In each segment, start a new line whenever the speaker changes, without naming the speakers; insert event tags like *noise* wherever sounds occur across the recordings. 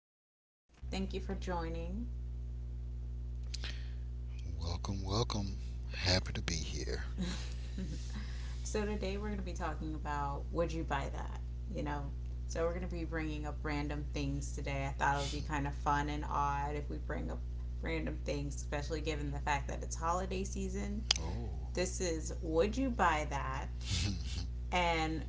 back. Thank you for joining.
Welcome, welcome. Happy to be here.
*laughs* So, today we're going to be talking about Would You Buy That? You know, so we're going to be bringing up random things today. I thought it would be kind of fun and odd if we bring up random things, especially given the fact that it's holiday season.
Oh.
This is Would You Buy That?
*laughs*
And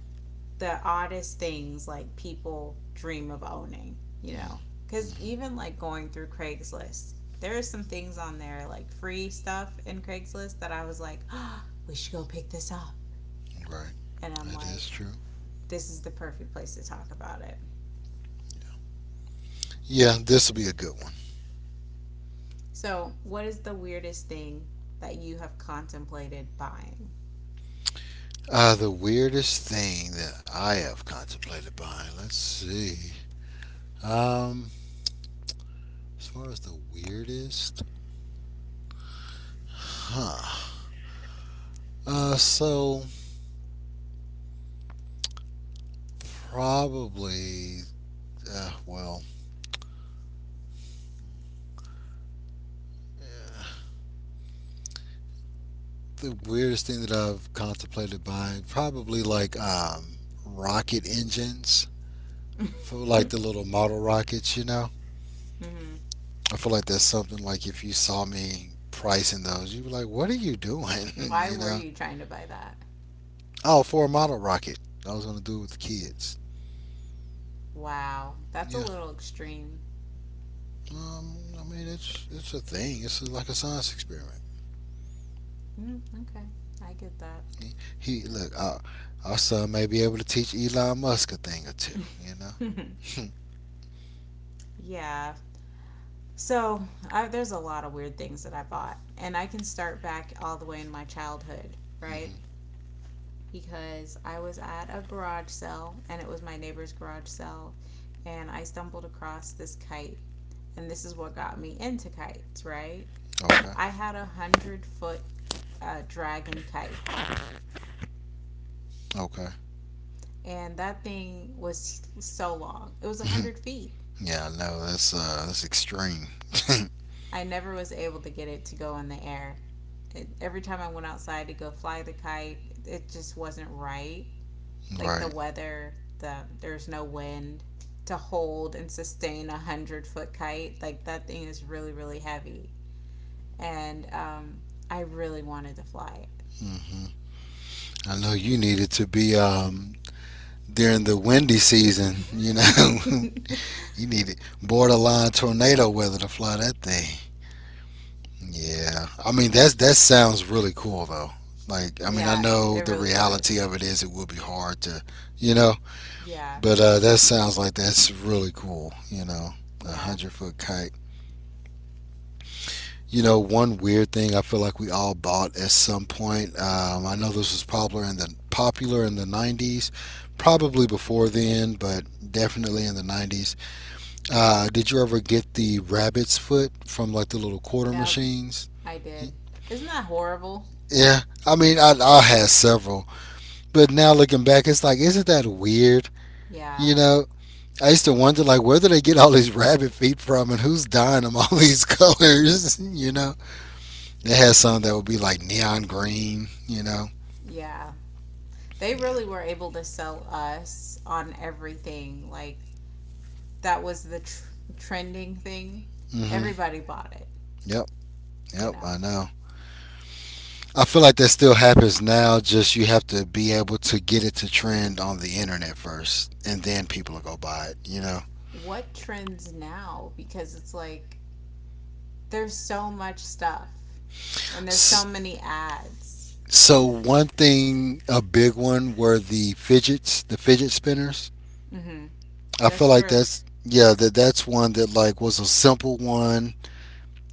the oddest things like people dream of owning. Cuz
Mhm.
even like going through Craigslist, there are some things on there like free stuff in Craigslist that I was like, oh, "We should go pick this up."
Right.
And I'm
That is
like,
true.
"This is the perfect place to talk about it."
Yeah, this will be a good one.
So, what is the weirdest thing that you have contemplated buying?
The weirdest thing that I have contemplated buying. Let's see. Um, as far as the weirdest, huh? So probably. Well, the weirdest thing that I've contemplated buying probably like rocket engines for
*laughs*
like the little model rockets, you know.
Mm-hmm.
I feel like that's something like if you saw me pricing those, you'd be like, "What are you doing?" *laughs*
Why
you
were
know?
you trying to buy that?
Oh, for a model rocket, I was gonna do it with the kids.
Wow, that's a
Yeah.
little extreme.
I mean, it's a thing. It's like a science experiment.
Mm, okay, I get that.
He, he look, our son may be able to teach Elon Musk a thing or two. You
*laughs*
know? *laughs*
Yeah. So there's a lot of weird things that I bought, and I can start back all the way in my childhood, right?
Hmm.
Because I was at a garage sale, and it was my neighbor's garage sale, and I stumbled across this kite, and this is what got me into kites, right?
Okay.
I had 100-foot dragon kite,
Okay.
and that thing was so long. It was a
*laughs*
hundred feet.
Yeah, I know that's extreme.
I never was able to get it to go in the air. Every time I went outside to go fly the kite, it just wasn't right.
*laughs*
Like the
Right.
weather, there's no wind to hold and sustain 100-foot kite. Like that thing is really really heavy, and I really wanted to fly
Hmm. I know you needed to be during the windy season. You know. *laughs*
it. *laughs*
You needed borderline tornado weather to fly that thing. Yeah, I mean that sounds really cool though. Like I mean I
Yeah, it
know the
really
reality
was.
of it is it will be hard to, you know,
Yeah,
but that sounds like that's really cool. You know, a
yeah,
hundred-foot kite. You know, one weird thing I feel like we all bought at some point. I know this was popular in the '90s, probably before then, but definitely in the '90s. Did you ever get the rabbit's foot from like the little quarter
yep.
machines?
I did. Isn't that horrible?
Yeah, I mean, I had several, but now looking back, it's like, isn't that weird? You
Yeah,
know, I used to wonder like, where do they get all these *laughs* rabbit feet from, and who's dyeing them all these *laughs* colors? *laughs* You know, they had some that would be like neon green. You know.
yeah. They
Yeah.
really were able to sell us on everything. Like that was the trending thing,
Hmm.
everybody bought it,
Yep.
you
Yep. I
know.
know. I feel like that still happens now. Just you have to be able to get it to trend on the internet first, and then people will go buy it. You know.
What trends now? Because it's like there's so much stuff and there's so
S-
many ads.
So one thing, a big one, were the fidgets, the fidget spinners.
Mhm.
I feel
That's
like
true.
that's yeah, that that's one that like was a simple one.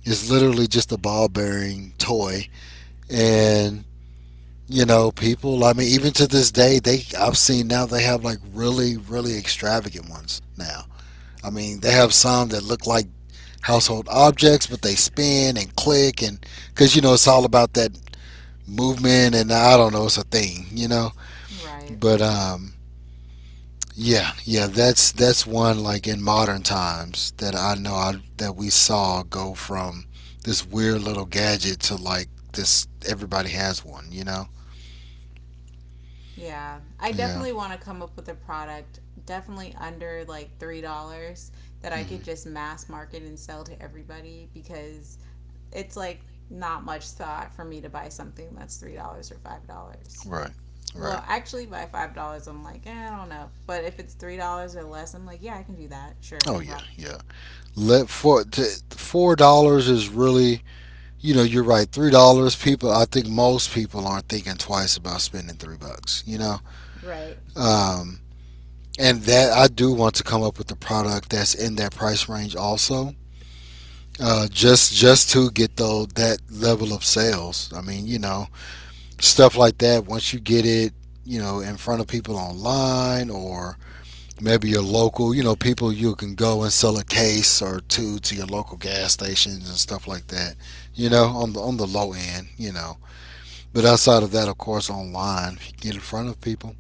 It's literally just a ball bearing toy, and you know, people. I mean, even to this day, they I've seen now they have like really, really extravagant ones now. I mean, they have some that look like household objects, but they spin and click, and because you know it's all about that movement, and I don't know, it's a thing, you know.
Right.
But Yeah, yeah, that's one like in modern times that I know that we saw go from this weird little gadget to like this everybody has one, you know?
Yeah. I
Yeah.
definitely want to come up with a product definitely under like $3 that I
Hmm.
could just mass market and sell to everybody because it's like not much thought for me to buy something that's $3 or $5.
Right. Right.
Well, actually, by $5, I'm like, eh, I don't know. But if it's $3 or less, I'm like, yeah, I can do that. Sure,
Oh
no
yeah,
problem.
yeah. Let for to, $4 is really you know you're right. $3, people. I think most people aren't thinking twice about spending three bucks. You know,
Right.
um, and that I do want to come up with a product that's in that price range also. Just to get though that level of sales. I mean, you know, stuff like that. Once you get it, you know, in front of people online or maybe your local, you know, people you can go and sell a case or two to your local gas stations and stuff like that. You know, on the low end, you know. But outside of that, of course, online, if you get in front of people.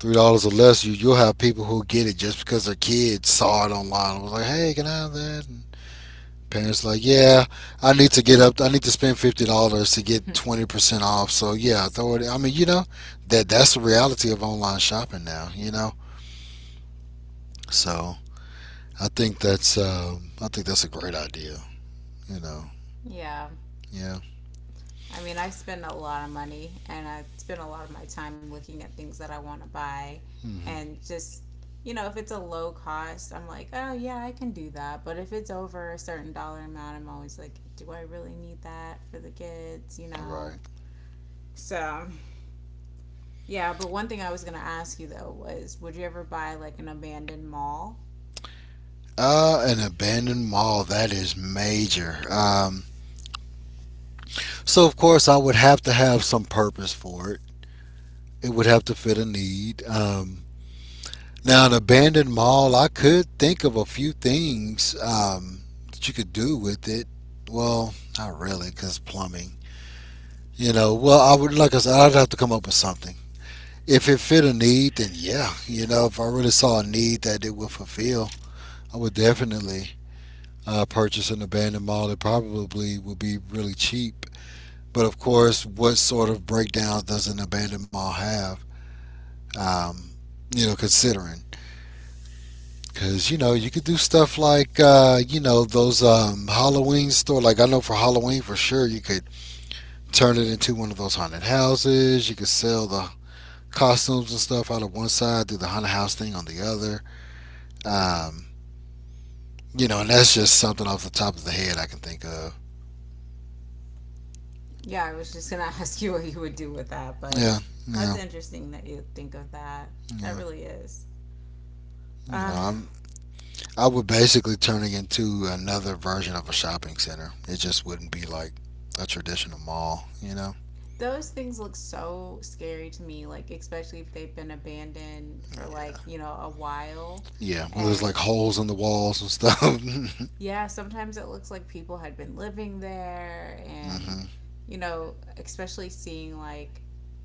$3 or less, you'll have people who get it just because their kids saw it online, and was like, hey, can I have that? And parents like, yeah, I need to get up. I need to spend $50 to get
*laughs*
20% off. So yeah, throw it. I mean, you know, that's the reality of online shopping now. You know, so I think that's a great idea. You know,
Yeah.
yeah.
I mean, I spend a lot of money and I spend a lot of my time looking at things that I want to buy.
Mm-hmm.
And just, if it's a low cost, I'm like, oh, yeah, I can do that. But if it's over a certain dollar amount, I'm always like, do I really need that for the kids? You
All
know?
right.
So, yeah, but one thing I was going to ask you though was would you ever buy like an abandoned mall?
An abandoned mall that is major. So of course I would have to have some purpose for it. It would have to fit a need. Now, an abandoned mall, I could think of a few things that you could do with it. Well, not really, because plumbing. You know, well, I would, like I said, I'd have to come up with something. If it fit a need, then yeah, you know, if I really saw a need that it would fulfill, I would definitely purchase an abandoned mall. It probably would be really cheap. But of course, what sort of breakdowns does an abandoned mall have? Um, you know, considering. Cause you know you could do stuff like you know those Halloween store. Like I know for Halloween for sure you could turn it into one of those haunted houses. You could sell the costumes and stuff out of one side, do the haunted house thing on the other. Um, you know, and that's just something off the top of the head I can think of.
Yeah, I was just gonna *laughs* ask you what you would do with that, but
Yeah,
that's
yeah,
interesting that you think of that. That
yeah.
really is.
You know,
Uh,
I'm I would basically turn it into another version of a shopping center. It just wouldn't be like a traditional mall. You know.
those things look so scary to me, like, especially if they've been abandoned for, like, a while.
Yeah, where there's like
And
holes in the walls and stuff. *laughs*
yeah, sometimes it looks like people had been living there, and,
Hmm.
especially seeing, like,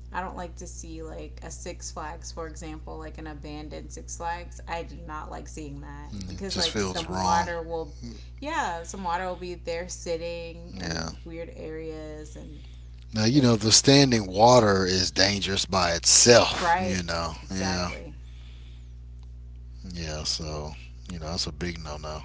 I don't like to see like a Six Flags, for example, like an abandoned Six Flags. I do not like seeing that
It
because
just
like
feels
some
wrong.
water will, yeah, some water will be there sitting
Yeah.
in weird areas and
Now you
it
know the standing water is dangerous by itself. You
bright
know. Yeah.
exactly.
Yeah. So you know that's a big no-no.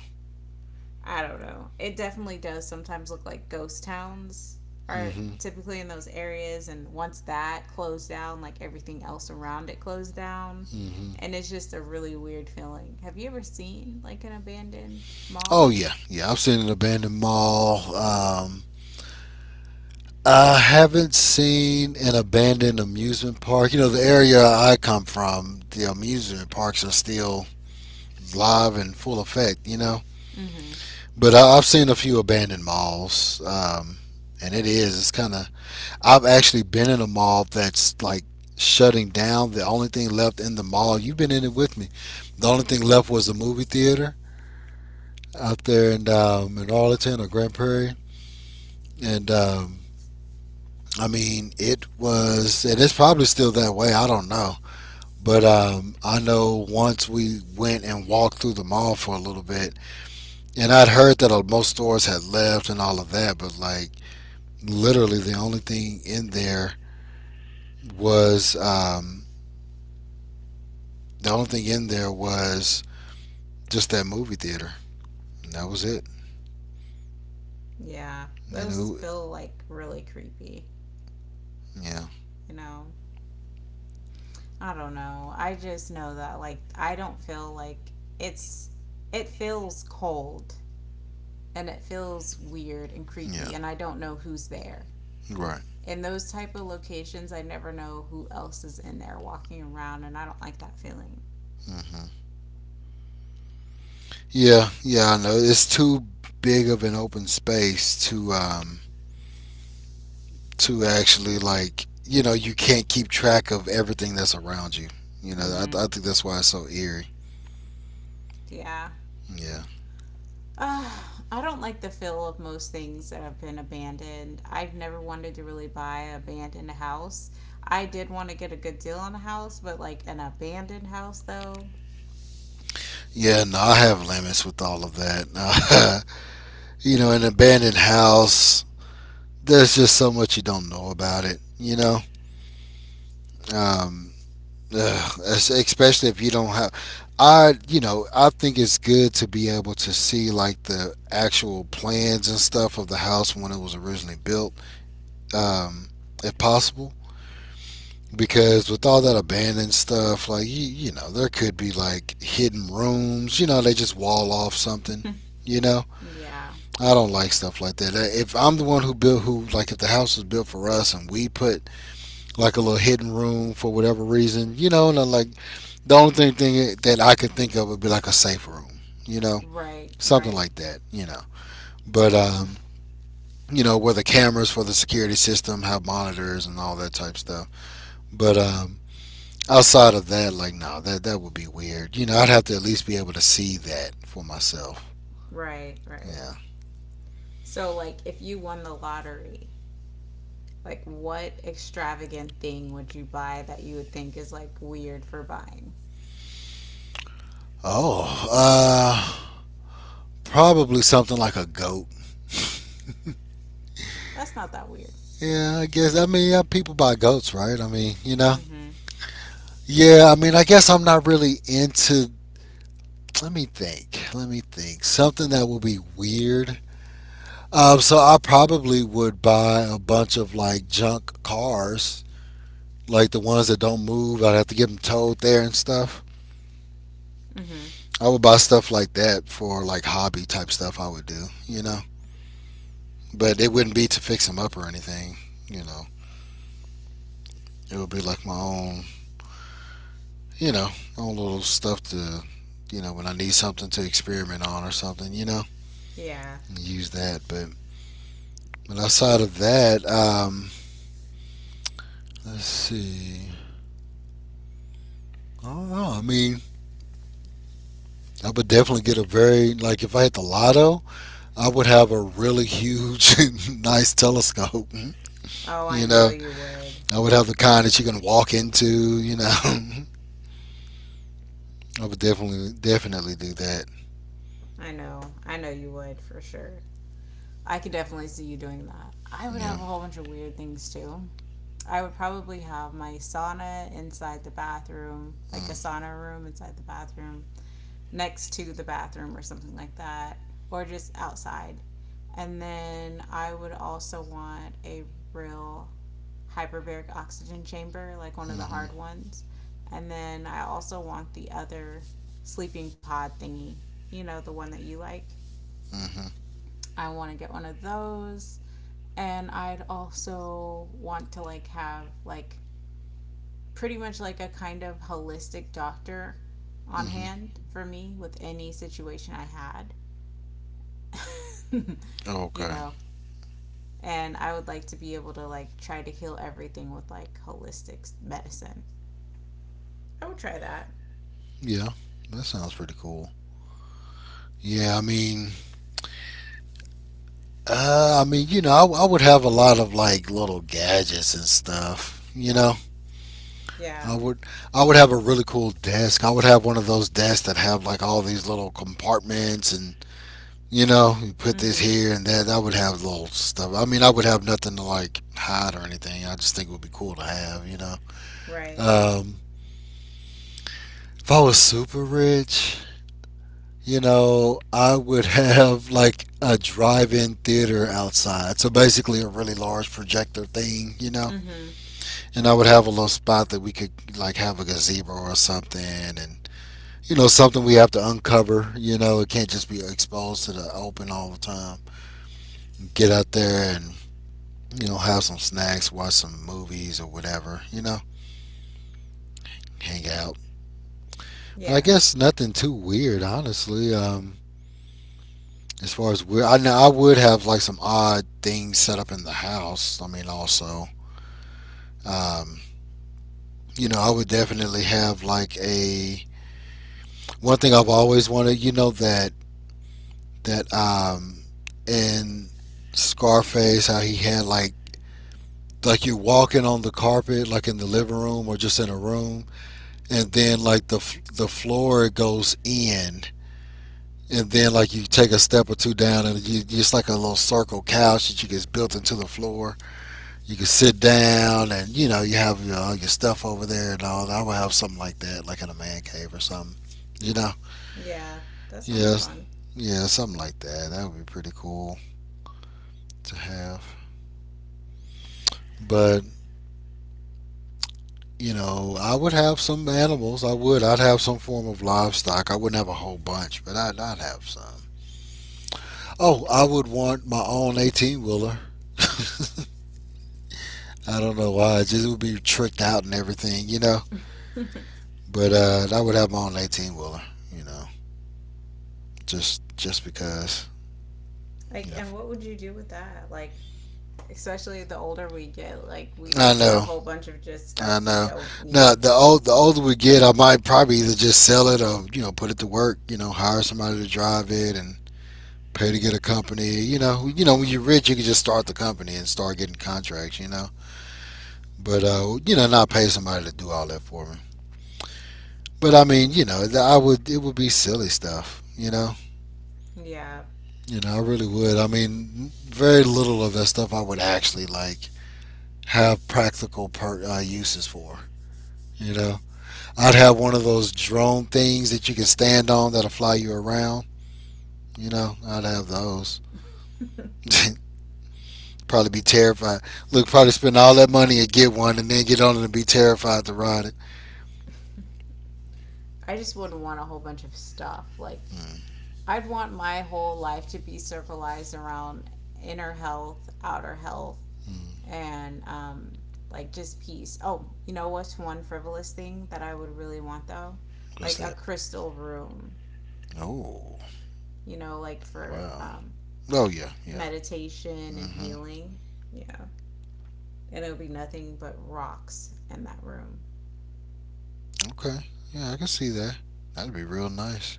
I don't know. It definitely does sometimes look like ghost towns are
Hmm.
typically in those areas and once that closed down, like everything else around it closed down
Hmm.
and it's just a really weird feeling. Have you ever seen like an abandoned mall?
Oh yeah. Yeah. I've seen an abandoned mall. I haven't seen an abandoned amusement park. You know the area I come from, the amusement parks are still live and full effect. You know.
Mm-hmm.
But I've seen a few abandoned malls. And it is. It's kind of I've actually been in a mall that's like shutting down. The only thing left in the mall, you've been in it with me. The only thing left was the movie theater out there in Arlington or Grand Prairie, and I mean it was, and it's probably still that way. I don't know, but I know once we went and walked through the mall for a little bit, and I'd heard that most stores had left and all of that, but like literally the only thing in there was. The only thing in there was just that movie theater. That was it.
Yeah,
You
those
know,
feel like really creepy,
yeah,
you know? I don't know. I just know that, like, I don't feel like it's, it feels cold and it feels weird and
yeah,
creepy, and I don't know who's there.
right.
In those type of locations, I never know who else is in there walking around, and I don't like that feeling.
Hmm. Yeah, yeah, I know. It's too big of an open space to actually like you know you can't keep track of everything that's around you. You know,
Mm-hmm.
I think that's why it's so eerie.
Yeah.
Yeah.
Uh, I don't like the feel of most things that have been abandoned. I've never wanted to really buy an abandoned house. I did want to get a good deal on a house, but like an abandoned house though.
Yeah, no, I have limits with all of that. *laughs* You know, an abandoned house, there's just so much you don't know about it, you know? Um, Especially if you don't have I you know I think it's good to be able to see like the actual plans and stuff of the house when it was originally built um if possible, because with all that abandoned stuff like you know there could be like hidden rooms. You know they just wall off something,
*laughs*
you know.
Yeah.
I don't like stuff like that. If I'm the one who built who like if the house was built for us and we put like a little hidden room for whatever reason, you know. And I'm like, the thing that I could think of would be like a safe room, you know,
Right,
something
right,
like that, you know. But You know, where the cameras for the security system have monitors and all that type stuff. But Outside of that, like, no, that would be weird. You know, I'd have to at least be able to see that for myself.
right, right.
Yeah.
So like if you won the lottery, like what extravagant thing would you buy that you would think is like weird for buying?
Oh, uh, Probably something like a goat.
That's not that weird.
Yeah, I guess. I mean, yeah, people buy goats, right? I mean, you know,
Mhm.
yeah, I mean, I guess I'm not really into. Let me think. Let me think. Something that will be weird. So I probably would buy a bunch of like junk cars, like the ones that don't move. I'd have to get them towed there and stuff.
Mhm.
I would buy stuff like that for like hobby type stuff. I would do, you know. But it wouldn't be to fix them up or anything, you know. It would be like my own, you know, own little stuff to, you know, when I need something to experiment on or something, you know,
Yeah.
use that. But outside of that, let's see. I don't know. I mean, I would definitely get a very like if I hit the lotto, I would have a really huge, *laughs* nice telescope.
Oh, I
You
know
know,
you would.
I would have the kind that you can walk into. *laughs* I would definitely do that.
I know. I know you would for sure. I could definitely see you doing that. I would have
Yeah.
a whole bunch of weird things too. I would probably have my sauna inside the bathroom, like a
Mm.
sauna room inside the bathroom, next to the bathroom or something like that, or just outside. And then I would also want a real hyperbaric oxygen chamber, like one of the hard
Mhm.
ones. And then I also want the other sleeping pod thingy, the one that you like.
Mhm.
I want to get one of those. And I'd also want to like have like pretty much like a kind of holistic doctor on
Mhm.
hand for me with any situation I had. *laughs* you
Okay.
know, and I would like to be able to like try to heal everything with like holistic medicine. I would try that.
Yeah, that sounds pretty cool. Yeah, I mean, I mean, I would have a lot of like little gadgets and stuff. You know,
Yeah.
I would I would have a really cool desk. I would have one of those desks that have like all these little compartments and you know, you put this
Mm-hmm.
here and that. I would have little stuff. I mean, I would have nothing to like hide or anything. I just think it would be cool to have.
Right.
Um, if I was super rich, you know, I would *laughs* have like a drive-in theater outside. So basically a really large projector thing, you know.
Mm-hmm.
And I would have a little spot that we could like have a gazebo or something and you know something we have to uncover. You know, it can't just be exposed to the open all the time. Get out there and you know have some snacks, watch some movies or whatever. You know, hang out. But I
Yeah.
guess nothing too weird, honestly. As far as weird, I know I would have like some odd things set up in the house. I mean, also, um, you know, I would definitely have like a one thing I've always wanted. You know that that in Scarface, how he had like you walking on the carpet like in the living room or just in a room and then like the floor goes in and then like you take a step or two down and you just like a little circle couch that you get built into the floor you can sit down and you know you have your, all your stuff over there and all I would have something like that like in a man cave or something you know.
Yeah. That sounds
Yes,
fun.
yeah, something like that that would be pretty cool to have. But you know, I would have some animals. I would. I'd have some form of livestock. I wouldn't have a whole bunch, but I'd have some. Oh, I would want my own 18 wheeler. *laughs* I don't know why. It just would be tricked out and everything, you know.
*laughs*
But I would have my own 18 wheeler, you know, just because,
Like,
you know.
and what would you do with that? Like, especially the older we get, like we
I
don't need a
know,
whole bunch of just
I
stuff we
know.
don't
Now
need.
the older we get, I might probably either just sell it or you know put it to work. You know, hire somebody to drive it and pay to get a company. You know when you're rich, you can just start the company and start getting contracts. You know, but you know, not pay somebody to do all that for me. But I mean, you know, I would it would be silly stuff.
Yeah.
You know, I really would. I mean, very little of that stuff I would actually like have practical uses for. You know, I'd have one of those drone things that you can stand on that'll fly you around. You know, I'd have those.
*laughs*
*laughs* Probably be terrified. Look, probably spend all that money and get one, and then get on it and be terrified to ride it.
I just wouldn't want a whole bunch of stuff. Like
Mm-hmm.
I'd want my whole life to be circularized around inner health, outer health, and like just peace. Oh, you know what's one frivolous thing that I would really want though?
What's
Like a
that?
crystal room,
Oh,
like for
wow. Oh yeah, yeah.
meditation and
Hmm.
healing. Yeah. And it'll be nothing but rocks in that room.
Okay. Yeah, I can see that. That'd be real nice.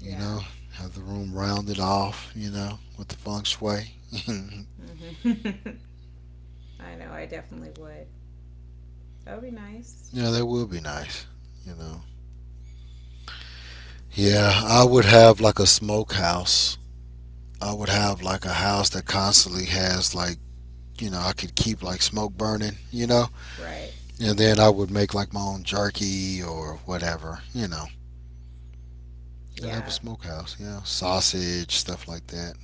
You
Yeah.
know, have the room rounded off. You know, with the feng shui. *laughs* Yeah,
Mhm. *laughs* I know, I definitely would. That would be nice.
that would be nice. You know. Yeah, I would have like a smokehouse. I would have like a house that constantly has like you know I could keep like smoke burning. You know.
Right.
And then I would make like my own jerky or whatever, you know. And that was
Yeah.
smokehouse, yeah. Sausage, stuff like that.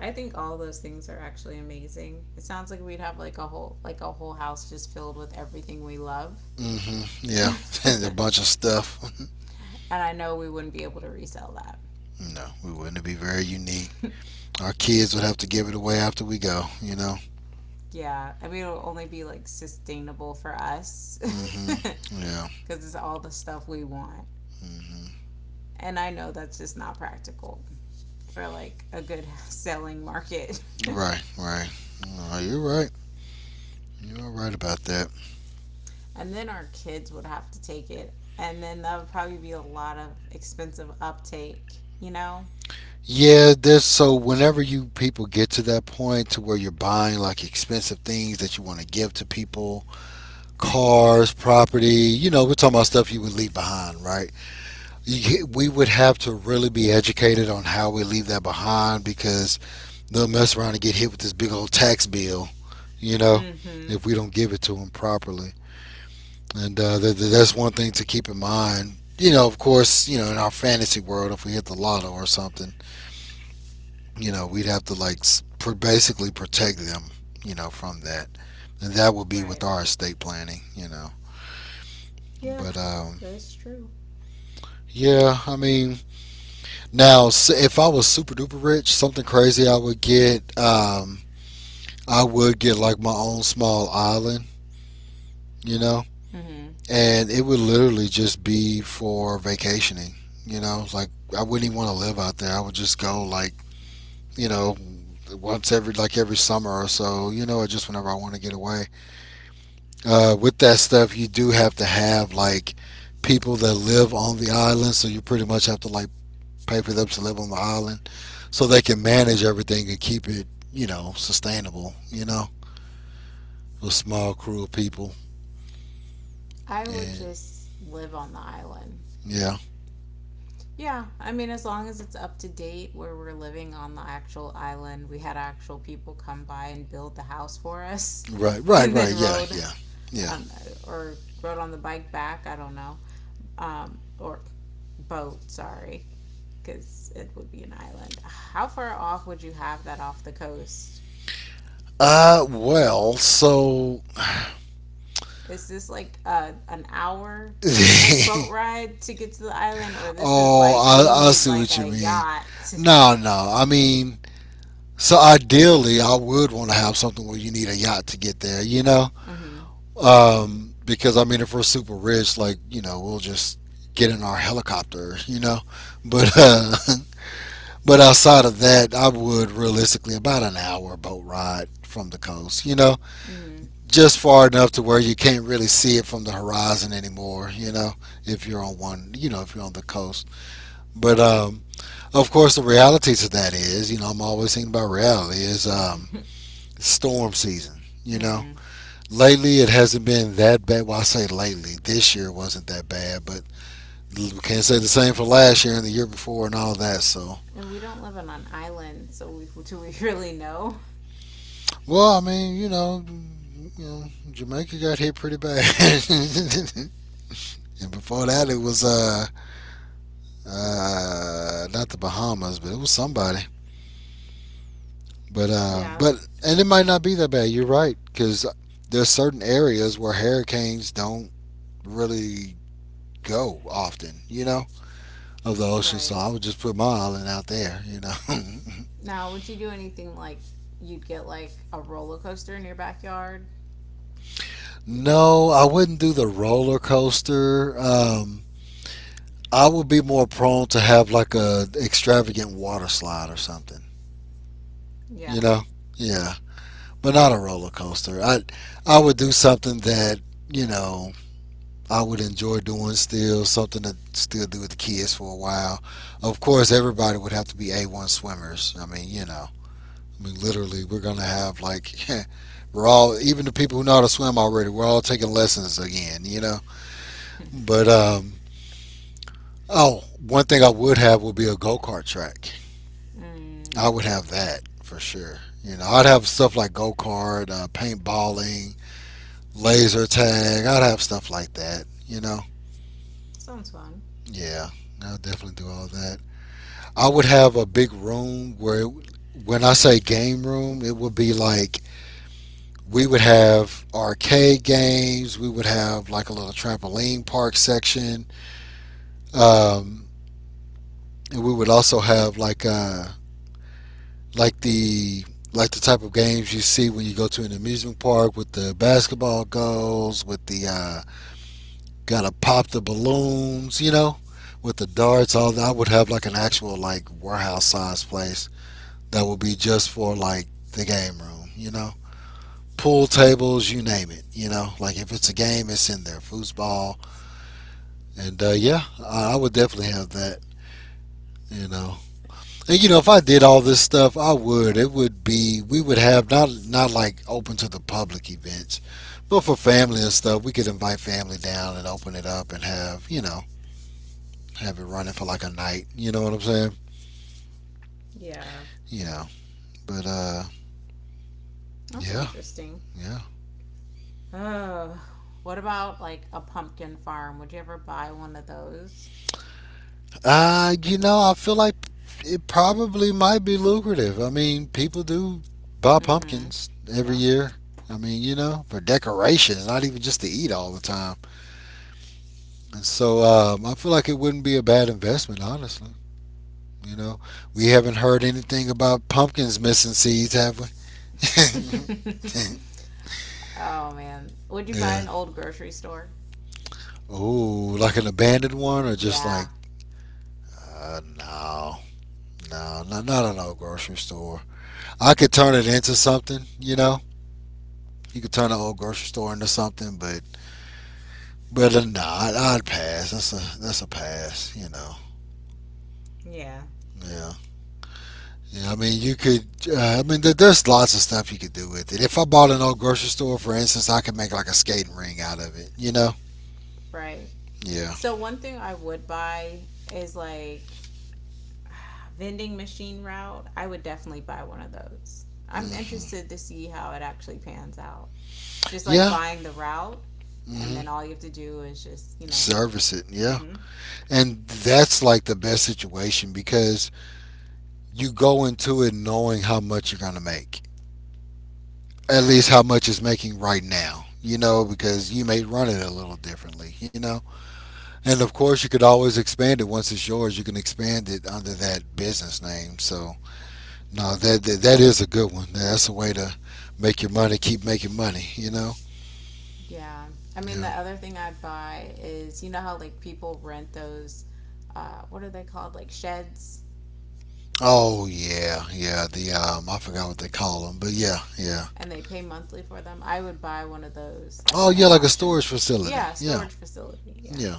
I think all those things are actually amazing. It sounds like we'd have like a whole house just filled with everything we love.
Mm hmm
*laughs*
Yeah.
And
*laughs* And a bunch of stuff.
I know we wouldn't be able to resell
*laughs* No, we wouldn't be very unique.
that.
Our kids would have to give it away after we go, you know.
*laughs* Yeah. I mean it'll only be like sustainable for us
Mm hmm
cuz
Yeah.
*laughs* it's all the stuff we want.
mm hmm
And I know that's just not practical for like a good selling market. *laughs*
Right, right. No, you're right. You're right about that.
And then our kids would have to take it. And then that would probably be a lot of expensive uptake, you know?
Yeah, there's so whenever you people get to that point to where you're buying like expensive things that you want to give to people cars, property, you know, we're talking about stuff you would leave behind, right? We would have to really be educated on how we leave that behind because they'll mess around and get hit with this big old tax bill, you know,
Mm hmm.
if we don't give it to them properly. And that's one thing to keep in mind. You know, of course, you know, in our fantasy world, if we hit the lotto or something, you know, we'd have to like basically protect them, you know, from that. And that would be with
Right.
our estate planning, you know.
Yeah,
But
that's true.
yeah, I mean, now if I was super duper rich, something crazy I would get like my own small island, you know,
Mm hmm.
and it would literally just be for vacationing, you know, like I wouldn't even want to live out there. I would just go like, you know, once every like every summer or so, you know, or just whenever I want to get away. With that stuff, you do have to have like people that live on the island, so you pretty much have to like pay for them to live on the island so they can manage everything and keep it, you know, sustainable, you know, a small crew of people.
I would
And
just live on the island.
yeah,
Yeah, I mean, as long as it's up to date where we're living on the actual island, we had actual people come by and build the house for us
right,
*laughs*
right,
and
right.
then
Yeah,
rode
yeah, yeah.
um, or rode on the bike back. I don't know. Or boat, sorry, because it would be an island. How far off would you have that off the coast?
Well, so,
Is this like an hour, like
*laughs*
boat ride to get to the island, or this is
oh,
like we
I
need
see
like
what you
a
mean.
yacht?
No, no, I mean, so ideally, I would want to have something where you need a yacht to get there, you know?
Mm-hmm.
Because I mean, if we're super rich, like you know, we'll just get in our helicopter, you know. But *laughs* but outside of that, I would realistically about an hour boat ride from the coast, you know,
Mm-hmm.
just far enough to where you can't really see it from the horizon anymore, you know, if you're on one, you know, if you're on the coast. But of course, the reality to that is, you know, I'm always thinking about reality is
*laughs*
storm season, you know.
Mm-hmm.
Lately, it hasn't been that bad. Well, I say lately, this year wasn't that bad, but we can't say the same for last year and the year before and all that. So,
And we don't live on an island, so we, *laughs* do we really know?
well, I mean, you know Jamaica got hit pretty bad, *laughs* and before that, it was not the Bahamas, but it was somebody. But uh,
Yeah,
but and it might not be that bad. You're right, because there's certain areas where hurricanes don't really go often. You know of the ocean, so
right.
I would just put my island out there, you know.
Now, would you do anything like you'd get like a roller coaster in your backyard?
*laughs* No, I wouldn't do the roller coaster. I would be more prone to have like a extravagant water slide or something, you
Yeah.
know. Yeah, but not a roller coaster. I would do something that you know I would enjoy doing still, something to still do with the kids for a while. Of course, everybody would have to be A1 swimmers. I mean, you know. I mean, literally, we're gonna have like *laughs* we're all even the people who know how to swim already. We're all taking lessons again, you know.
*laughs*
But oh, one thing I would have would be a go kart track.
Mm.
I would have that for sure. You know, I'd have stuff like go kart, paintballing, laser tag. I'd have stuff like that. You know,
Sounds fun.
yeah, I'll definitely do all that. I would have a big room where, it, when I say game room, it would be like we would have arcade games. We would have like a little trampoline park section, um, and we would also have like the like the type of games you see when you go to an amusement park with the basketball goals, with the gotta pop the balloons, you know, with the darts. All that I would have like an actual like warehouse size place that would be just for like the game room, you know. Pool tables, you name it, you know. Like if it's a game, it's in there. Foosball, and yeah, I would definitely have that. You know, and you know, if I did all this stuff, I would. It would be we would have not like open to the public events, but for family and stuff, we could invite family down and open it up and have you know have it running for like a night. You know what I'm saying?
Yeah.
You know, but
That's
yeah,
interesting.
yeah.
Oh, what about like a pumpkin farm? Would you ever buy one of those?
You know, I feel like it probably might be lucrative. I mean, people do buy
Mm-hmm.
pumpkins every
Yeah.
year. I mean, you know, for decorations, not even just to eat all the time. And so I feel like it wouldn't be a bad investment, honestly. You know, we haven't heard anything about pumpkins missing seeds, have we? *laughs*
*laughs* Oh man. Would you buy
Yeah.
an old grocery store?
Ooh, like an abandoned one or just like,
Yeah.
uh, no, no, not an old grocery store. I could turn it into something, you know? You could turn the old grocery store into something, but brother, nah, I'd pass. That's a pass. You know.
Yeah.
Yeah. Yeah, I mean, you could. I mean, there's lots of stuff you could do with it. If I bought an old grocery store, for instance, I could make like a skating ring out of it. You know?
Right.
Yeah.
So one thing I would buy is like *sighs* vending machine route. I would definitely buy one of those. I'm
Hmm.
interested to see how it actually pans out. Just like
Yeah.
buying the route, and
hmm
then all you have to do is just
Service it. Yeah.
Mm-hmm.
And that's like the best situation because you go into it knowing how much you're gonna make, at least
Right.
how much it's making right now. You know, because you may run it a little differently. You know. And of course, you could always expand it once it's yours. You can expand it under that business name. So no, that is a good one. That's a way to make your money, keep making money. You know,
Yeah. I mean, the
yeah.
other thing I buy is you know how like people rent those what are they called? Like sheds
Oh yeah, yeah. The I forgot what they call them, but yeah, yeah.
and they pay monthly for them. I would buy one of those like
Oh
at an
yeah, like a
auction.
storage facility.
Yeah,
Yeah,
storage facility. Yeah.
yeah.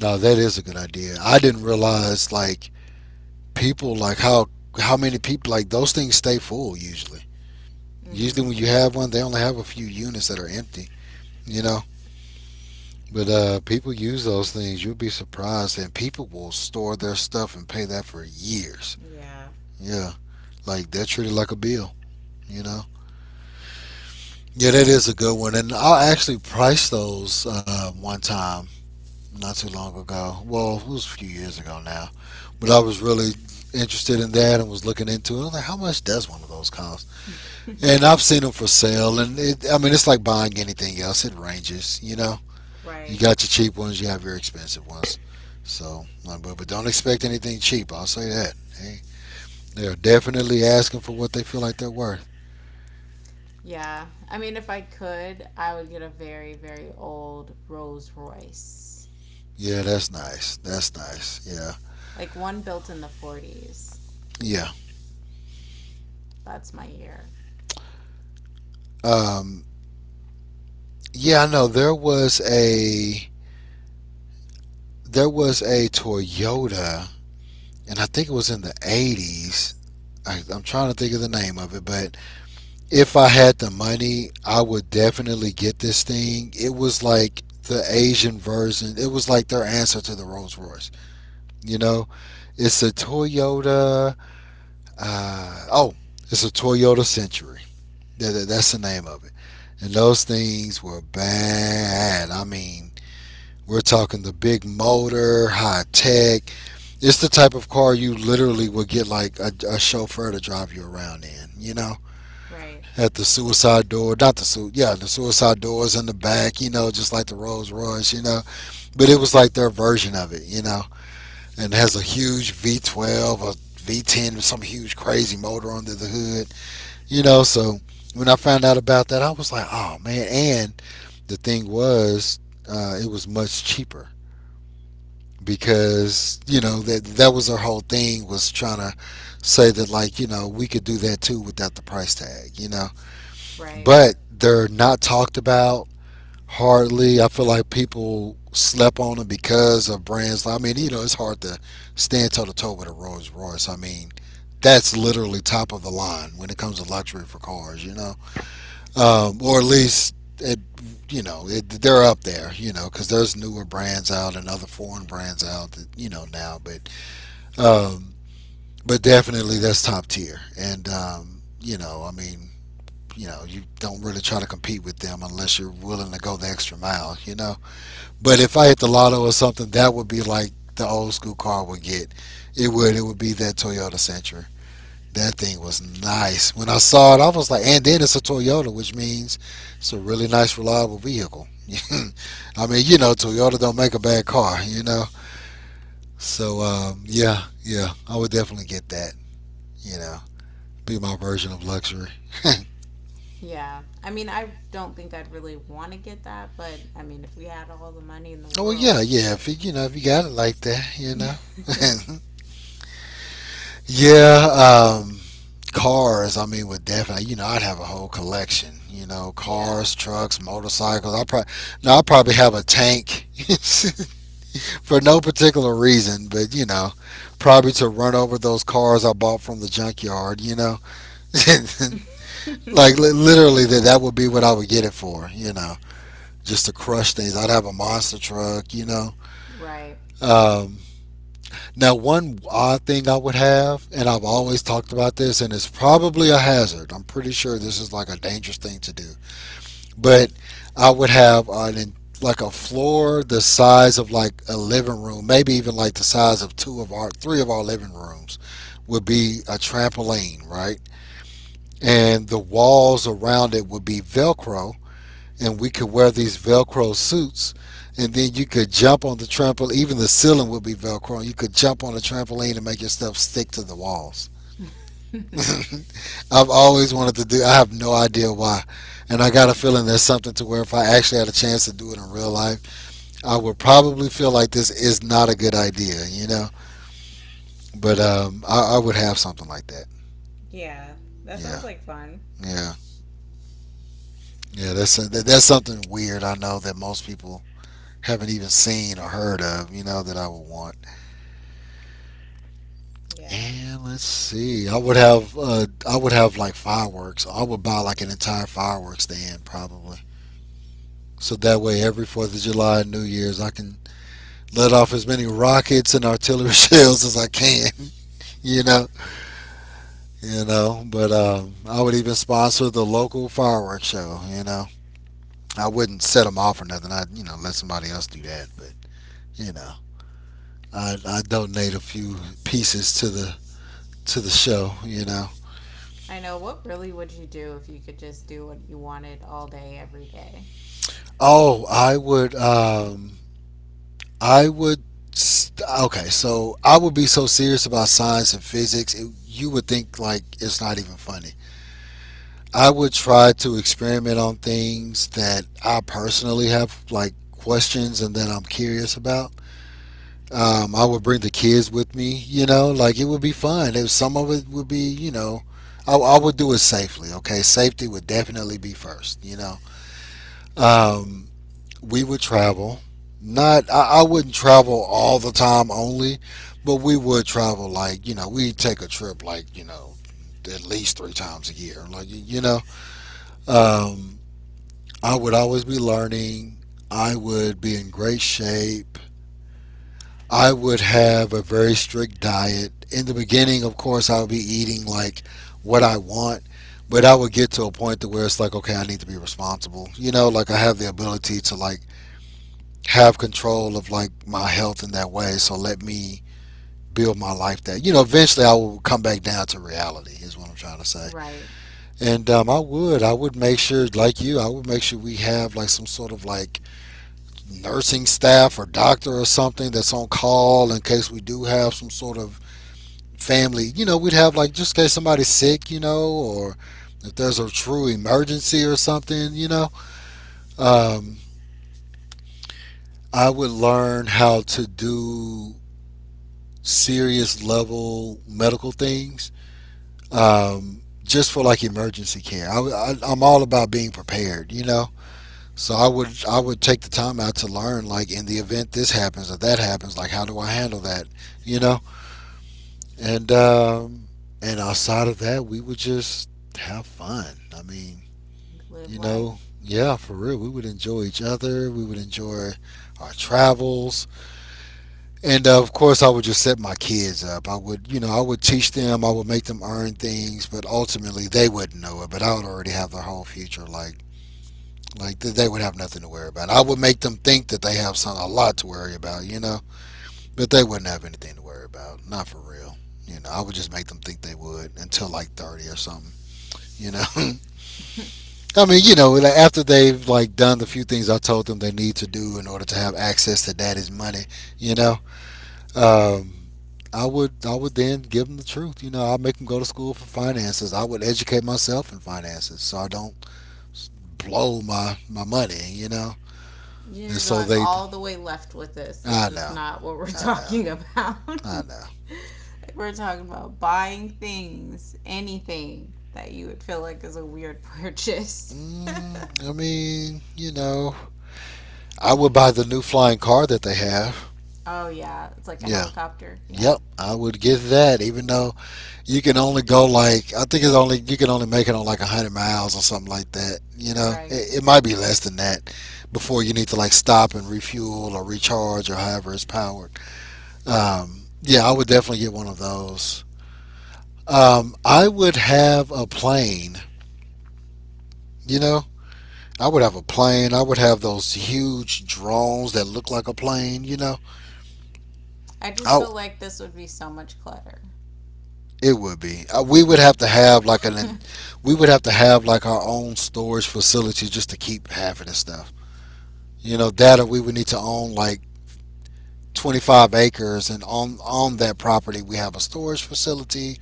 No, that is a good idea. I didn't realize like people like how many people like those things stay full usually.
Mm-hmm.
Usually when you have one, they only have a few units that are empty. You know. But people use those things. You'll be surprised, and people will store their stuff and pay that for years.
Yeah.
Yeah, like they're treated like a bill. You know. Yeah, that is a good one, and I actually priced those one time not too long ago. Well, it was a few years ago now, but I was really interested in that and was looking into it. I was like, how much does one of those cost? And I've seen them for sale, and it, I mean, it's like buying anything else. It ranges. You know,
*laughs*
you
Right.
got your cheap ones, you have your expensive ones. So, but, don't expect anything cheap. I'll say that. Hey, they're definitely asking for what they feel like they're worth.
Yeah. I mean, if I could, I would get a very very old Rolls-Royce.
Yeah, that's nice. That's nice. Yeah,
Like one built in the '40s.
yeah,
That's my year.
um, yeah. I know there was a Toyota, and I think it was in the '80s. I'm trying to think of the name of it, but if I had the money, I would definitely get this thing. It was like the Asian version. It was like their answer to the Rolls Royce. You know, it's a Toyota. Uh, oh, it's a Toyota Century. That's the name of it. And those things were bad. I mean, we're talking the big motor, high tech. It's the type of car you literally would get like a chauffeur to drive you around in. You know,
Right.
at the suicide door, not the su- yeah, the suicide doors in the back. You know, just like the Rolls Royce. You know, but it was like their version of it. You know, and has a huge V12 or V10 some huge crazy motor under the hood. You know, so when I found out about that, I was like, oh man. And the thing was, it was much cheaper because you know that was their whole thing was trying to say that like you know we could do that too without the price tag, you know,
Right.
but they're not talked about hardly. I feel like people slept on him because of brands. I mean, you know, it's hard to stand toe to toe with a Rolls Royce. I mean, that's literally top of the line when it comes to luxury for cars, you know? Or at least, it, you know, it, they're up there, you know, because there's newer brands out and other foreign brands out that, you know, now. Um, but definitely that's top tier. And, you know, I mean, you know, you don't really try to compete with them unless you're willing to go the extra mile, you know? But if I hit the lotto or something, that would be like the old school car would get. It would. It would be that Toyota Sentra. That thing was nice. When I saw it, I was like, and then it's a Toyota, which means it's a really nice, reliable vehicle. *laughs* I mean, you know, Toyota don't make a bad car, you know. So yeah, yeah, I would definitely get that. You know, be my version of luxury.
Yeah. I mean, I don't think I'd really want to get that, but I mean, if we had all the money in the
*laughs* Well, yeah,
world,
yeah. If you,
sure.
you know, if you got it like that, you know.
*laughs*
*laughs* Yeah, cars. I mean, would definitely. You know, I'd have a whole collection. You know,
Yeah.
cars, trucks, motorcycles. I probably, no, I probably have a tank *laughs* for no particular reason, but you know, probably to run over those cars I bought from the junkyard. You know, *laughs*
*laughs*
literally that would be what I would get it for. You know, just to crush things. I'd have a monster truck. You know,
Right.
um, now, one odd thing I would have, and I've always talked about this, and it's probably a hazard. I'm pretty sure this is like a dangerous thing to do, but I would have an like a floor the size of like a living room, maybe even like the size of two of our three of our living rooms, would be a trampoline, right? And the walls around it would be Velcro, and we could wear these Velcro suits, and then you could jump on the trampoline. Even the ceiling would be Velcro. You could jump on the trampoline and make your stuff stick to the walls.
*laughs*
*laughs* I've always wanted to do. I have no idea why, and I got a feeling there's something to where if I actually had a chance to do it in real life, I would probably feel like this is not a good idea, you know. But I would have something like that.
Yeah. That
Yeah,
sounds like fun.
yeah, yeah. That's something weird. I know that most people haven't even seen or heard of. You know that I would want.
Yeah.
And let's see. I would have like fireworks. I would buy like an entire fireworks stand probably. So that way every 4th of July and New Year's I can let off as many rockets and artillery *laughs* shells as I can, *laughs* you know. You know, but I would even sponsor the local fireworks show, you know. I wouldn't set them off or nothing. I'd, you know, let somebody else do that, but you know, I donate a few pieces to the show, you know.
I know. What really would you do if you could just do what you wanted all day, every day?
Oh, I would I would. Okay, so I would be so serious about science and physics, it, you would think like it's not even funny. I would try to experiment on things that I personally have like questions and that I'm curious about. I would bring the kids with me, you know, like it would be fun. If some of it would be, you know, I would do it safely. Okay, safety would definitely be first, you know. Um, we would travel. Not I, I wouldn't travel all the time only, but we would travel like you know we would take a trip like you know at least 3 times a year. Like you know, um, I would always be learning. I would be in great shape. I would have a very strict diet. In the beginning, of course, I would be eating like what I want, but I would get to a point to where it's like, okay, I need to be responsible. You know, like I have the ability to like have control of like my health in that way. So let me build my life that you know eventually I will come back down to reality is what I'm trying to say.
Right.
And I would make sure like you I would make sure we have like some sort of like nursing staff or doctor or something that's on call in case we do have some sort of family. You know we'd have like just in case somebody's sick you know or if there's a true emergency or something you know. Um, I would learn how to do serious level medical things just for like emergency care. I'm all about being prepared, you know. So I would take the time out to learn like in the event this happens or that happens, like how do I handle that, you know? And um, and outside of that, we would just have fun. I mean,
Live life.
yeah, for real, we would enjoy each other. We would enjoy our travels. And of course, I would just set my kids up. I would, you know, I would teach them. I would make them earn things, but ultimately they wouldn't know it. But I would already have their whole future, they would have nothing to worry about. I would make them think that they have some a lot to worry about, you know, but they wouldn't have anything to worry about. Not for real, you know. I would just make them think they would until like 30 or something, you know. *laughs*
*laughs*
I mean, you know, like, after they've like done the few things I told them they need to do in order to have access to daddy's money, you know. Um, I would then give them the truth. You know, I make them go to school for finances. I would educate myself in finances so I don't s- blow my money. You know, and
You're
so
going
they.
all the way left with this. This
I
is
know,
not what we're
I know,
talking about. *laughs*
I know.
Like we're talking about buying things, anything that you would feel like is a weird purchase.
I mean, you know, I would buy the new flying car that they have.
*laughs* Oh yeah, it's like a
Yeah,
helicopter. Yeah.
yep, I would get that. Even though you can only go like, I think it's only, you can only make it on like 100 miles or something like that. You know,
Right.
it might be less than that before you need to like stop and refuel or recharge or however it's powered. Yeah, I would definitely get one of those. I would have a plane. You know, I would have a plane. I would have those huge drones that look like a plane. You know,
I just
I
feel like this would be so much clutter.
it would be. We would have to have like an,
*laughs*
we would have to have like our own storage facility just to keep half of this stuff. You know, data we would need to own like 25 acres, and on that property we have a storage facility,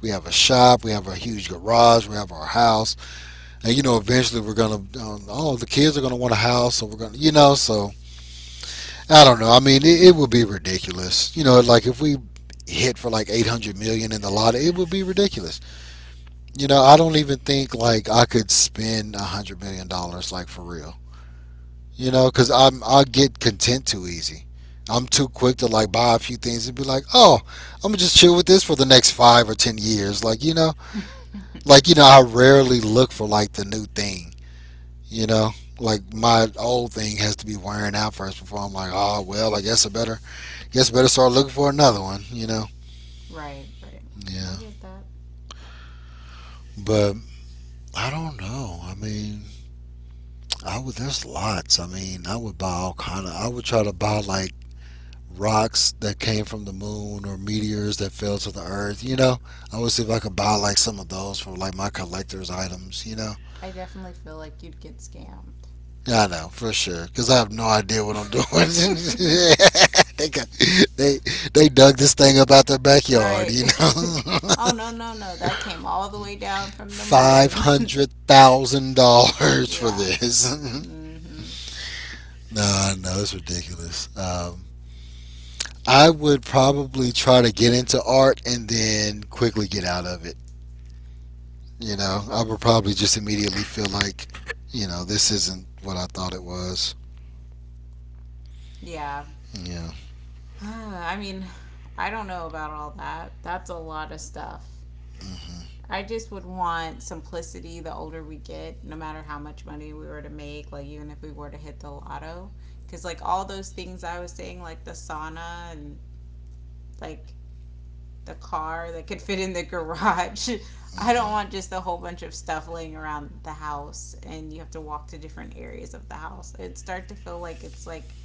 we have a shop, we have a huge garage, we have our house. And you know, eventually we're gonna, oh, the kids are gonna want a house, so we're gonna, you know, so I don't know. I mean, it would be ridiculous, you know, like if we hit for like 800 million in the lottery, it would be ridiculous. You know, I don't even think like I could spend 100 million dollars, like for real. You know, because I get content too easy. I'm too quick to like buy a few things and be like, oh, I'm gonna just chill with this for the next 5 or 10 years. Like you know, I rarely look for like the new thing. You know, like my old thing has to be wearing out first before I'm like, oh well, I guess I better, start looking for another one. You know,
Right, right.
yeah.
I get that.
But I don't know. I mean, I would. There's lots. I mean, I would buy all kind of. I would try to buy like rocks that came from the moon or meteors that fell to the earth. You know, I would see if I could buy like some of those for like my collector's items. You know,
I definitely feel like you'd get scammed.
yeah, I know for sure because I have no idea what I'm doing. *laughs*
*laughs*
they got, they they dug this thing up out their backyard.
Right.
You
*laughs*
know,
Oh, no, no, no. That came all the way down
*laughs*
from the
five
moon. *laughs*
hundred thousand dollars for
Yeah.
this. *laughs*
mm hmm
no, no, it's ridiculous. I would probably try to get into art and then quickly get out of it. You know, I would probably just immediately feel like, you know, this isn't what I thought it was.
Yeah.
Yeah.
*sighs* I mean, I don't know about all that. That's a lot of stuff.
Hmm.
I just would want simplicity the older we get, no matter how much money we were to make, like even if we were to hit the lotto. Because, like, all those things I was saying, like the sauna and like the car that could fit in the garage. *laughs* I don't
Mhm.
want just a whole bunch of stuff laying around the house and you have to walk to different areas of the house. It start to feel like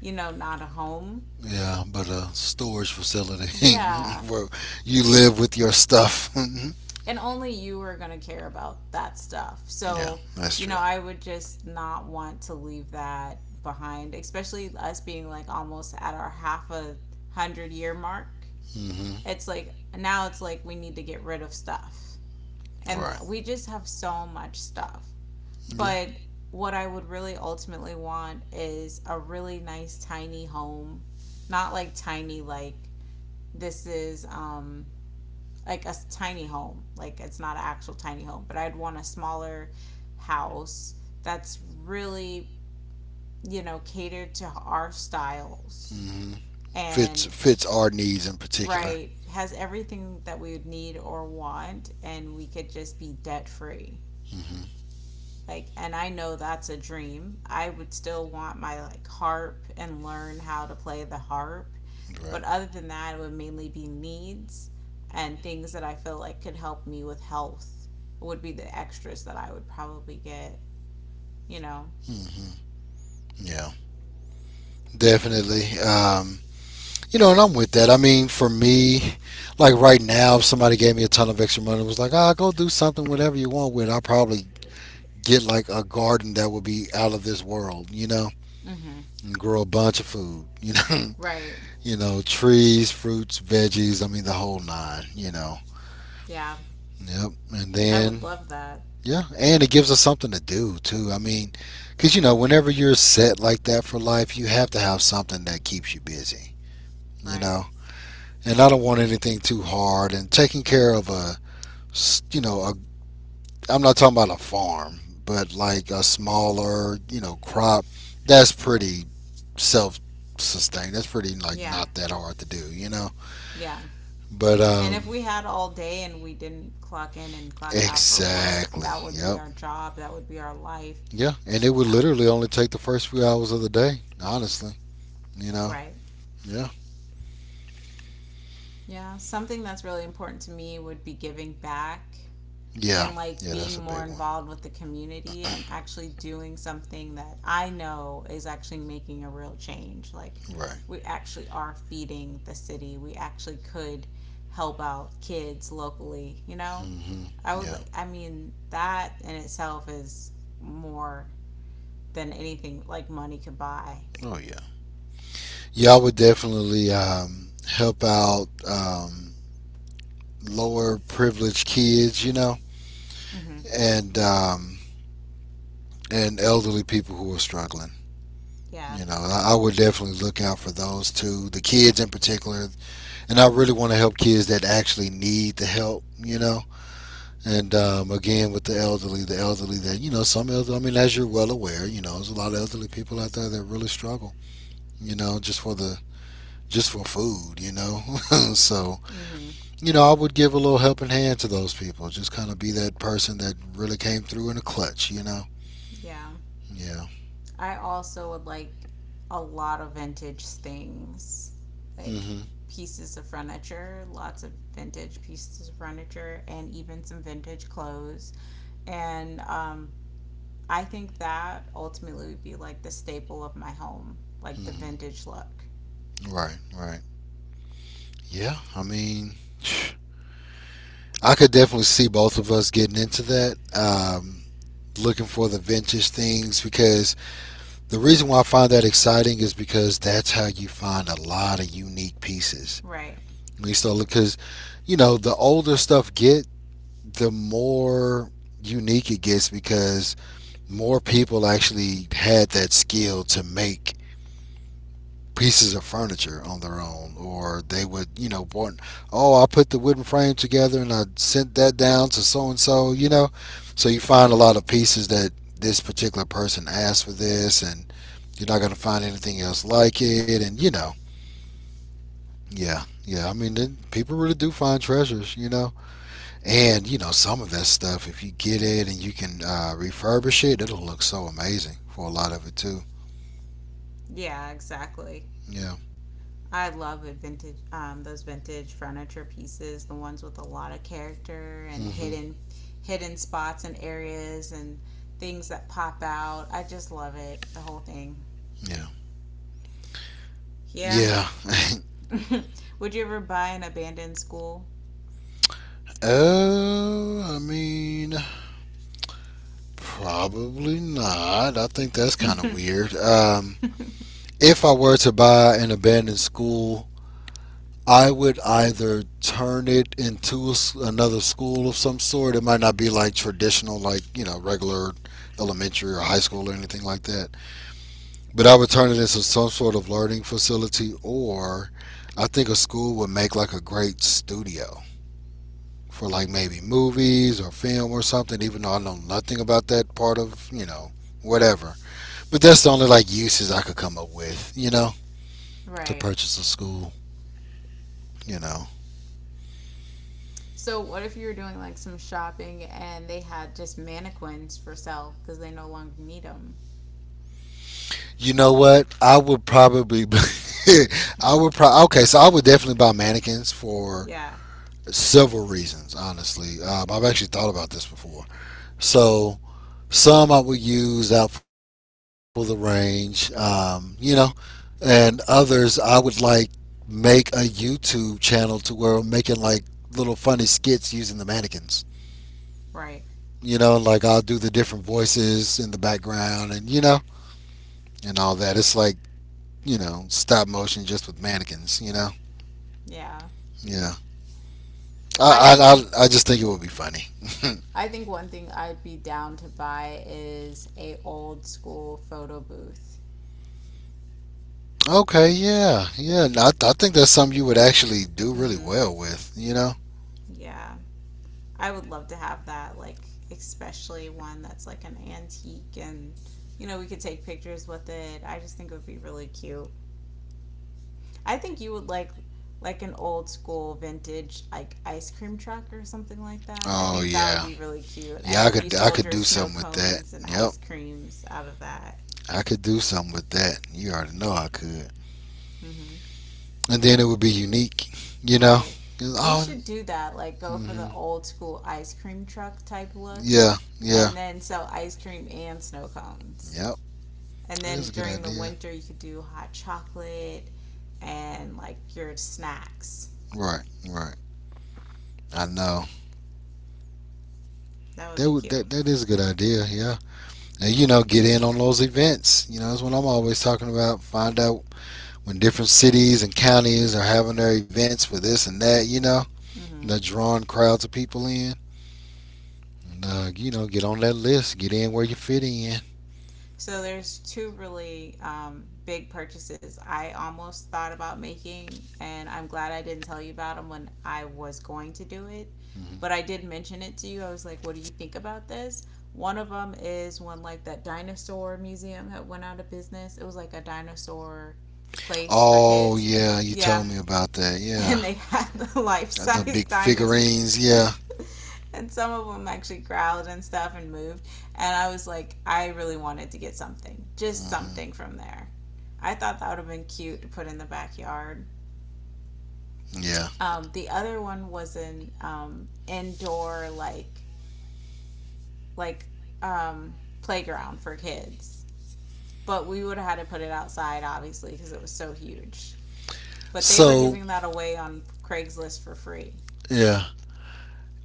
you know, not a home.
Yeah, but a storage facility
Yeah.
*laughs* where you live with your stuff. *laughs*
And only you are going to care about that stuff.
yeah,
So,
that's
you know,
true.
I would just not want to leave that behind, especially us being like almost at our half a 100-year mark.
Hmm.
It's like now it's like we need to get rid of stuff. And
Right.
we just have so much stuff.
Yeah.
But what I would really ultimately want is a really nice tiny home. Not like tiny like this is like a tiny home. Like it's not an actual tiny home, but I'd want a smaller house that's really, you know, catered to our styles
Hmm. Fits
and
fits our needs in particular.
right has everything that we would need or want and we could just be debt free.
Hmm.
Like, and I know that's a dream. I would still want my like harp and learn how to play the harp,
Right.
but other than that it would mainly be needs and things that I feel like could help me with health would be the extras that I would probably get, you know.
Hmm. Yeah. Definitely. You know, and I'm with that. I mean, for me, like right now, if somebody gave me a ton of extra money and was like, "Ah, go do something, whatever you want with it," I'll probably get like a garden that would be out of this world, you know,
Mm-hmm.
and grow a bunch of food, you know,
Right.
*laughs* you know, trees, fruits, veggies. I mean, the whole nine, you know.
Yeah,
Yep. And
I would
then,
love that.
yeah, and it gives us something to do too. I mean, because you know, whenever you're set like that for life, you have to have something that keeps you busy, you
Right.
know. And I don't want anything too hard. And taking care of a, you know, a, I'm not talking about a farm, but like a smaller, you know, crop. That's pretty self-sustained. That's pretty like
Yeah.
not that hard to do, you know.
Yeah,
But
and if we had all day and we didn't clock in and clock out for work,
exactly.
that would be
Yep.
our job, that would be our life.
Yeah, and it would
Yeah.
literally only take the first few hours of the day. Honestly, you know.
Right.
Yeah.
Yeah, something that's really important to me would be giving back
Yeah.
and like
Yeah, that's a
being more
big one.
involved with the community and actually doing something that I know is actually making a real change. Like,
Right.
we actually are feeding the city. We actually could help out kids locally, you know?
Hmm.
I would
Yeah.
like, I mean, that in itself is more than anything like money could buy.
Oh yeah. Yeah, I would definitely help out lower privileged kids, you know,
Mhm.
and um, and elderly people who are struggling.
Yeah.
You know, I would definitely look out for those two, the kids in particular, and I really want to help kids that actually need the help. You know, and again with the elderly that, you know, some elderly. I mean, as you're well aware, you know, there's a lot of elderly people out there that really struggle. You know, just for the, just for food. You know, *laughs* so
Mhm.
you know, I would give a little helping hand to those people. Just kind of be that person that really came through in a clutch, you know?
Yeah.
Yeah.
I also would like a lot of vintage things, like
Hmm.
pieces of furniture, lots of vintage pieces of furniture, and even some vintage clothes. And I think that ultimately would be like the staple of my home, like the
Hmm.
vintage look.
Right, right. Yeah, I mean, *sighs* I could definitely see both of us getting into that. Looking for the vintage things because the reason why I find that exciting is because that's how you find a lot of unique pieces.
Right.
When you start look, because you know the older stuff get, the more unique it gets because more people actually had that skill to make pieces of furniture on their own, or they would, you know, want, oh I put the wooden frame together and I sent that down to so and so, you know. So you find a lot of pieces that this particular person asked for, this and you're not going to find anything else like it, and you know, yeah, yeah, I mean then people really do find treasures, you know. And you know, some of that stuff, if you get it and you can refurbish it, it'll look so amazing for a lot of it too.
Yeah, exactly.
Yeah.
I love vintage those vintage furniture pieces, the ones with a lot of character and
Hmm.
hidden hidden spots and areas and things that pop out. I just love it, the whole thing.
Yeah.
Yeah.
Yeah. *laughs*
*laughs* Would you ever buy an abandoned school?
I mean, probably not. I think that's kind of
*laughs*
weird. If I were to buy an abandoned school, I would either turn it into a s another school of some sort. It might not be like traditional, like, you know, regular elementary or high school or anything like that. But I would turn it into some sort of learning facility, or I think a school would make like a great studio for like maybe movies or film or something, even though I know nothing about that part of, you know, whatever. But that's the only like uses I could come up with, you know, to
Right.
purchase a school, you know.
So what if you were doing like some shopping and they had just mannequins for sale because they no longer need them?
You know what? I would probably *laughs* I
*laughs*
would probably. Okay, so I would definitely buy mannequins for
Yeah,
several reasons, honestly. I've actually thought about this before. So some I would use out for the range, you know, and others I would like make a YouTube channel to where I'm making like little funny skits using the mannequins.
right.
You know, like I'll do the different voices in the background and you know, and all that. It's like, you know, stop motion just with mannequins, you know.
Yeah.
Yeah.
I
I
think
I I, just think it would be funny.
I think one thing I'd be down to buy is a old school photo booth.
*laughs* okay, yeah. Yeah, no, I think that's something you would actually do really
Mm-hmm.
well with, you know.
Yeah, I would love to have that. Like, especially one that's like an antique, and you know, we could take pictures with it. I just think it would be really cute. I think you would like an old school vintage like ice cream truck or something like that. I
Oh
think that would
yeah.
be really cute. And
Yeah,
if you
I
sold
could
your
do
snow
something with that.
cones and
Yep.
ice creams out of that.
I could do something with that. You already know I could.
Mm-hmm.
And then it would be unique, you know?
Right. We
Oh,
should do that. Like, go
mm
for the
hmm,
old school ice cream truck type look,
yeah, yeah,
and then sell ice cream and snow cones.
yep.
And
That
then
is a good
during the
idea.
winter, you could do hot chocolate and like your snacks.
Right, right. I know.
That would
That
be
would
cute.
that that is a good idea. Yeah, and you know, get in on those events. You know, that's what I'm always talking about. Find out when different cities and counties are having their events for this and that. You know, and
Mm-hmm.
they're drawing crowds of people in. And, you know, get on that list. Get in where you fit in.
So there's two really big purchases I almost thought about making, and I'm glad I didn't tell you about them when I was going to do it. But
Hmm.
I did mention it to you. I was like, "What do you think about this?" One of them is when like that dinosaur museum had went out of business. It was like a dinosaur place for
Oh
kids.
yeah, you
Yeah.
told me about that.
*laughs*
Yeah,
And they had the life
the
size
big
dinosaurs.
figurines.
*laughs*
Yeah,
And some of them actually growled and stuff and moved. And I was like, I really wanted to get something, just something
hmm,
from there. I thought that would have been cute to put in the backyard.
yeah.
The other one was an indoor like like um, playground for kids, but we would have had to put it outside obviously because it was so huge. But they were
So
giving that away on Craigslist for free.
yeah,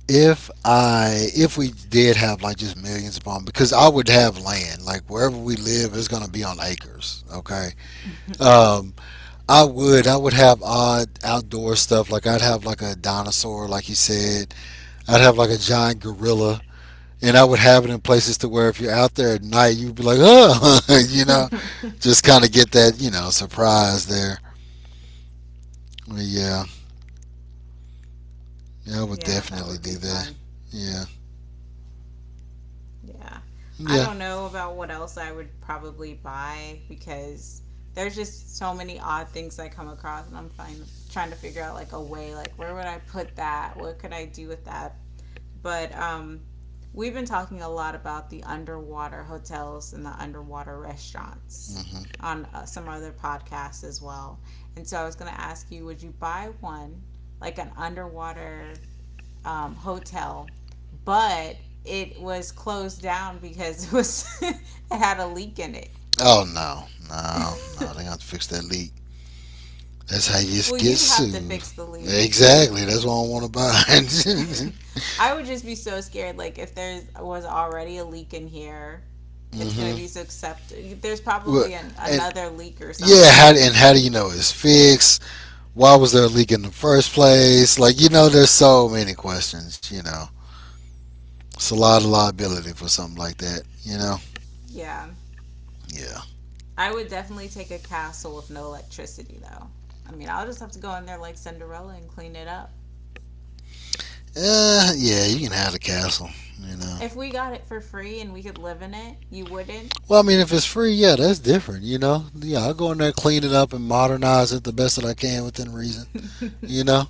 if I if we did have like just millions upon, because I would have land like wherever we live is gonna be on acres. Okay, um, I would have odd outdoor stuff like I'd have like a dinosaur, like you said. I'd have like a giant gorilla. And I would have it in places to where if you're out there at night, you'd be like, oh, *laughs* you know. Just
*laughs*
kind of get that surprise there. But yeah, yeah, I would
Yeah, that
definitely
would be
do that.
fun.
Yeah,
Yeah. I
yeah.
don't know about what else I would probably buy because there's just so many odd things I come across and I'm trying to figure out like a way like where would I put that? What could I do with that? But we've been talking a lot about the underwater hotels and the underwater restaurants
Hmm.
on some other podcasts as well. And so I was going to ask you would you buy one like an underwater hotel, but it was closed down because it was *laughs* it had a leak in it.
Oh no, no, no! They
*laughs*
got to fix that leak. That's how you just
Well,
get
you'd have to
sued.
fix the leak.
Exactly. That's why I want to buy it.
*laughs* I would just be so scared. Like if there was already a leak in here,
*laughs*
it's gonna
Hmm.
be so septic.
Well, and
Another leak or
yeah, how
something.
and how do you know it's fixed? Why was there a leak in the first place? Like there's so many questions. It's a lot of liability for something like that. You know.
Yeah,
Yeah.
I would definitely take a castle with no electricity though. I mean, I'll just have to go in there like Cinderella and clean it up.
Yeah, you can have the castle. You know.
If we got it for free and we could live in it, you wouldn't.
Well, I mean, if it's free, yeah, that's different. You know. Yeah, I'll go in there, clean it up, and modernize it the best that I can within reason. You
*laughs*
know.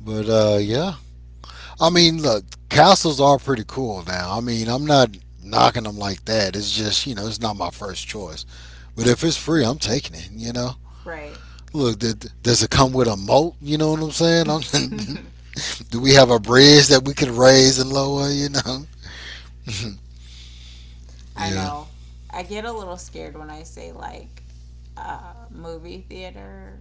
But yeah. I mean, look, castles are pretty cool now. I mean, I'm not knocking them like that. It's just it's not my first choice. But if it's free, I'm taking it. You know.
Right. *laughs*
Look, does it come with a moat? You know what I'm saying? I'm, *laughs* do we have a bridge that we can raise and lower? You know? *laughs*
I
Yeah.
know. I get a little scared when I say like movie theater.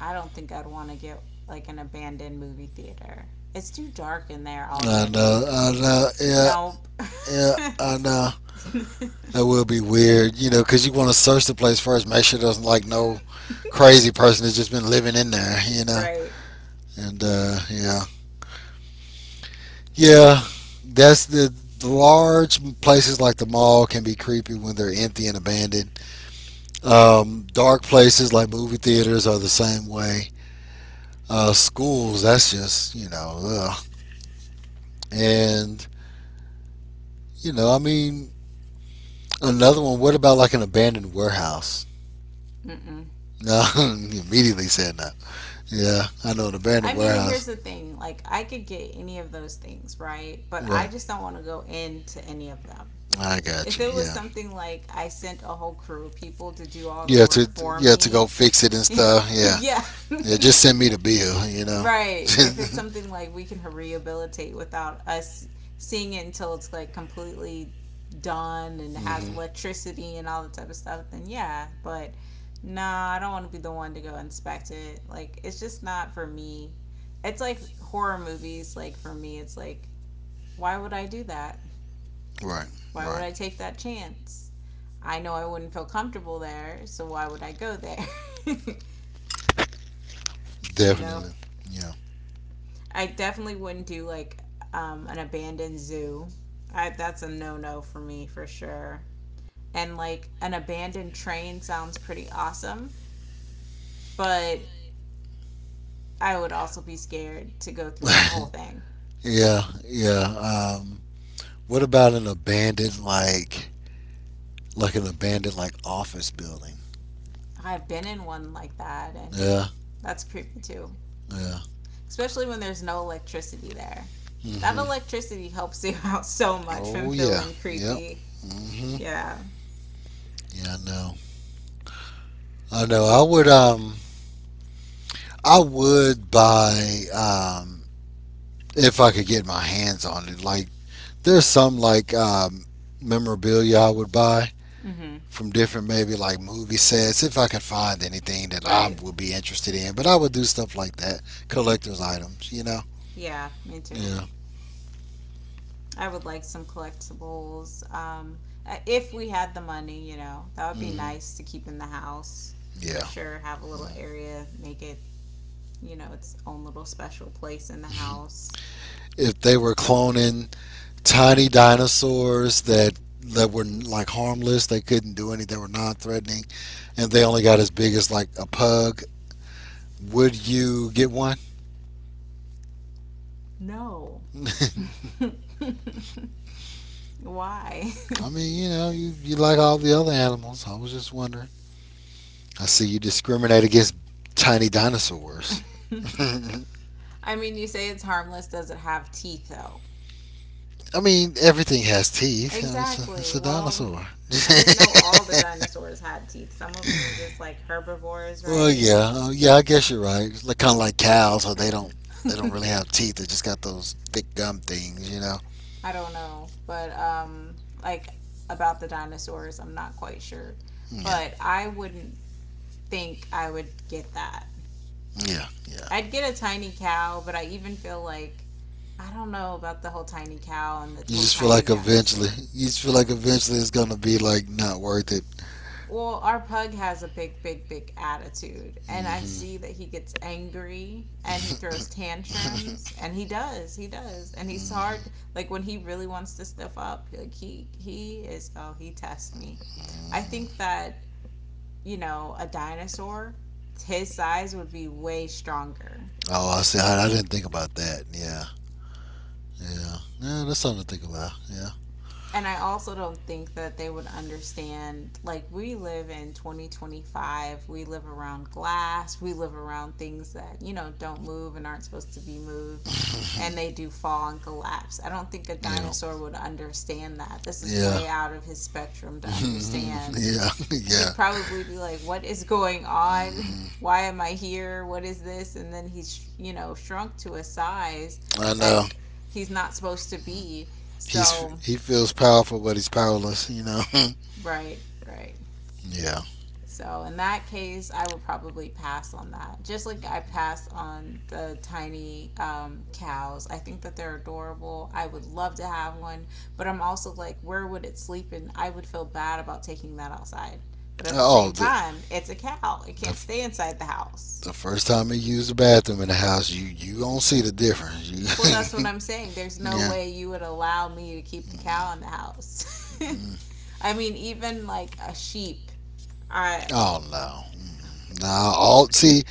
I don't think I'd want to get like an abandoned movie theater. It's too dark in there already.
I know, yeah,
Nope.
yeah,
*laughs*
I know. That will be weird, you know, because you want to search the place first, make sure there's like no crazy person that's just been living in there, you know.
Right.
And yeah, yeah, that's the large places like the mall can be creepy when they're empty and abandoned. Dark places like movie theaters are the same way. Schools, that's just ugh. And I mean, another one. What about like an abandoned warehouse?
Mm-mm.
No, *laughs* he immediately said no. Yeah, I know an
I
abandoned
mean, here's
warehouse.
the thing. Like, I could get any of those things, right? But I
Right.
just don't want to go into any of them.
I got
If
you.
it was
Yeah.
something like I sent a whole crew of people to do all the
Yeah to
work for
yeah to go
me,
fix it and stuff.
*laughs*
Yeah.
yeah, *laughs*
Yeah. Just send me the bill. You know.
right.
*laughs*
If it's something like we can rehabilitate without us seeing it until it's like completely done and has
Hmm.
electricity and all that type of stuff, then yeah. But no, I don't want to be the one to go inspect it. Like, it's just not for me. It's like horror movies. Like, for me, it's like, why would I do that?
Right.
Why would
Right.
I take that chance? I know I wouldn't feel comfortable there, so why would I go there? *laughs* You know,
Definitely. Yeah.
I definitely wouldn't do like an abandoned zoo. That's a no no for me for sure. And like an abandoned train sounds pretty awesome, but I would also be scared to go through that
*laughs*
whole thing.
yeah. Yeah. What about an abandoned like an abandoned like office building?
I've been in one like that, and
Yeah.
that's creepy too,
Yeah.
especially when there's no electricity there. That
Hmm.
electricity helps you *laughs* out so much from
Oh yeah.
feeling
Yep.
creepy.
Hmm.
Yeah.
Yeah. I know. I know. I would buy if I could get my hands on it. Like there's some like memorabilia I would buy
Mm-hmm.
from different maybe like movie sets if I could find anything that I
Right.
would be interested in. But I would do stuff like that, collector's items. You know?
Yeah, me too.
Yeah.
I would like some collectibles. If we had the money, you know, that would be
Hmm.
nice to keep in the house for
Yeah.
sure. Have a little area, make it, you know, its own little special place in the house.
If they were cloning tiny dinosaurs that were like harmless, they couldn't do anything, they were non-threatening, and they only got as big as like a pug, would you get one?
No.
*laughs*
*laughs* Why?
I mean, you like all the other animals. I was just wondering. I see you discriminate against tiny dinosaurs. *laughs*
*laughs*
I
I mean, you say it's harmless. Does it have teeth, though?
mean, everything has teeth. I mean,
Exactly.
it's a
Well,
dinosaur.
I didn't know all the dinosaurs had teeth. Some of them are just like herbivores,
*laughs* Well,
right?
yeah, yeah. I guess you're right. It's like, kind of like cows, so they don't really
*laughs*
have teeth. They just got those thick gum things, you know.
I don't know, but like about the dinosaurs, I'm not quite sure.
Yeah,
But I wouldn't think I would get that.
yeah, yeah.
I'd get a tiny cow, but I even feel like I don't know about the whole tiny cow and the
You
whole
just feel
tiny
like eventually,
dinosaur.
you just feel like eventually it's gonna be like not worth it.
Well, our pug has a big, big, big attitude, and
Mm
I
hmm
see that he gets angry and he throws
mm
tantrums,
hmm
and he does, and he's hard.
mm
Like when he really wants to stuff up, like he is. Oh, he tests me. I
hmm *laughs*
think that you know a dinosaur, his size would be way stronger,
Oh, I see. I didn't think about that. Yeah, yeah, yeah. That's something to think about. Yeah,
and I also don't think that they would understand. Like, we live in 2025, we live around glass, we live around things that, you know, don't move and aren't supposed to be moved, and they do fall and collapse. I don't think a
*laughs* yeah,
dinosaur would understand that. This is
yeah,
way out of his spectrum to
*laughs*
understand.
yeah, *laughs* yeah.
He'd probably be like, what is going on?
Hmm.
Why am I here? What is this? And then he's, you know, shrunk to a size
I
that
know,
he's not supposed to be. So,
he feels powerful, but he's powerless. You know. *laughs*
right, right.
yeah.
So in that case, I would probably pass on that. Just like I pass on the tiny cows. I think that they're adorable. I would love to have one, but I'm also like, where would it sleep? And I would feel bad about taking that outside. But at the
Oh,
same time, it's a cow. It
the
can't stay inside the house.
the first time he used the bathroom in the house, you gonna see the difference.
Well, that's what
You,
I'm saying.
*laughs*
There's no
yeah.
way you would allow me to keep the cow in the house.
Mm.
*laughs* I mean, even like a sheep. I
Oh no. Mm. Nah, all see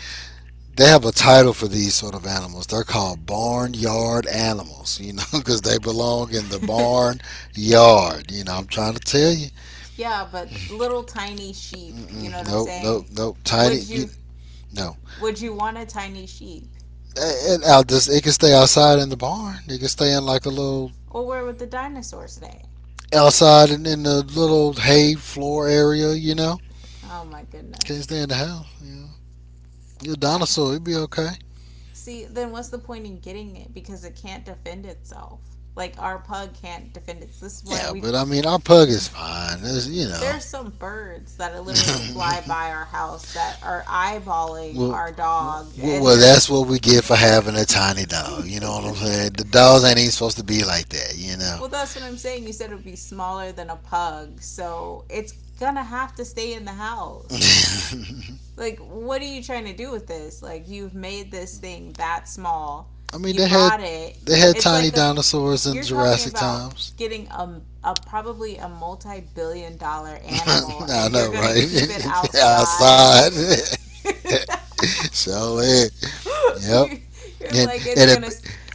they have a title for these sort of animals. They're called barnyard animals, you know, *laughs* because they belong in the
*laughs*
barn yard. You know, I'm trying to tell you.
Yeah, but little tiny sheep, you know
Mm-mm,
what I'm
nope, nope,
saying?
nope. Tiny,
Would
you,
you
no.
would you want a tiny sheep?
And out this, it can stay outside in the barn. It can stay in like a little
Or where would the dinosaurs stay?
outside in the little hay floor area. You know,
Oh my
it can't stay
goodness.
in the house. You know, your
I
dinosaur, it'd be okay.
see, then what's the point in getting it? Because it can't defend itself. Like our pug can't defend itself. This is why
Yeah,
we
but I mean, our pug is fine. It's, you
there are some birds that literally fly
know. *laughs*
by our house that are eyeballing
Well,
our dog
well,
and
well,
they're *laughs*
that's what we get for having a tiny dog. You know what I'm
*laughs*
saying? The dogs ain't even supposed to be like that. You know.
Well, that's what I'm saying. You said it would be smaller than a pug, so it's gonna have to stay in the house. Like, what are you trying to do with this? Like, you've made this thing that small.
*laughs* I mean,
You
they had
bought it.
they had
It's
tiny
like a,
dinosaurs in
you're talking
Jurassic
about
times.
getting a probably a multi-billion dollar
*laughs*
animal
I
and you're
know,
gonna
right?
keep it
*laughs*
outside.
Outside. *laughs* so it.
*laughs*
Yep.
you, you're like it's
And it.
gonna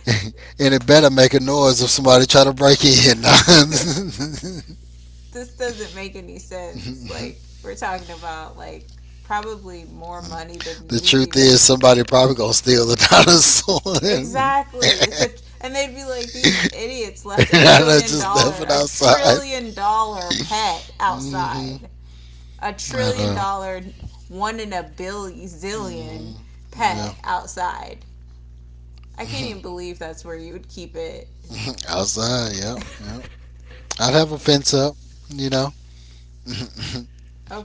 *laughs* And it better make a noise if somebody try to break in. *laughs*
*laughs* this doesn't make any sense.
The
Like we're talking about like probably more money than we've
truth
even
is, somebody probably gonna steal the
exactly. It's
dinosaur. *laughs*
a And they'd be like, these idiots
*laughs*
left
and I just left it
a
outside.
trillion dollar pet
Hmm.
outside. A
I
trillion
know.
dollar one in a billion zillion
Hmm. Yeah.
pet outside. I can't even believe that's where you would keep it.
*laughs* outside. Yep. Yep. I'd have a fence up. You know, *laughs*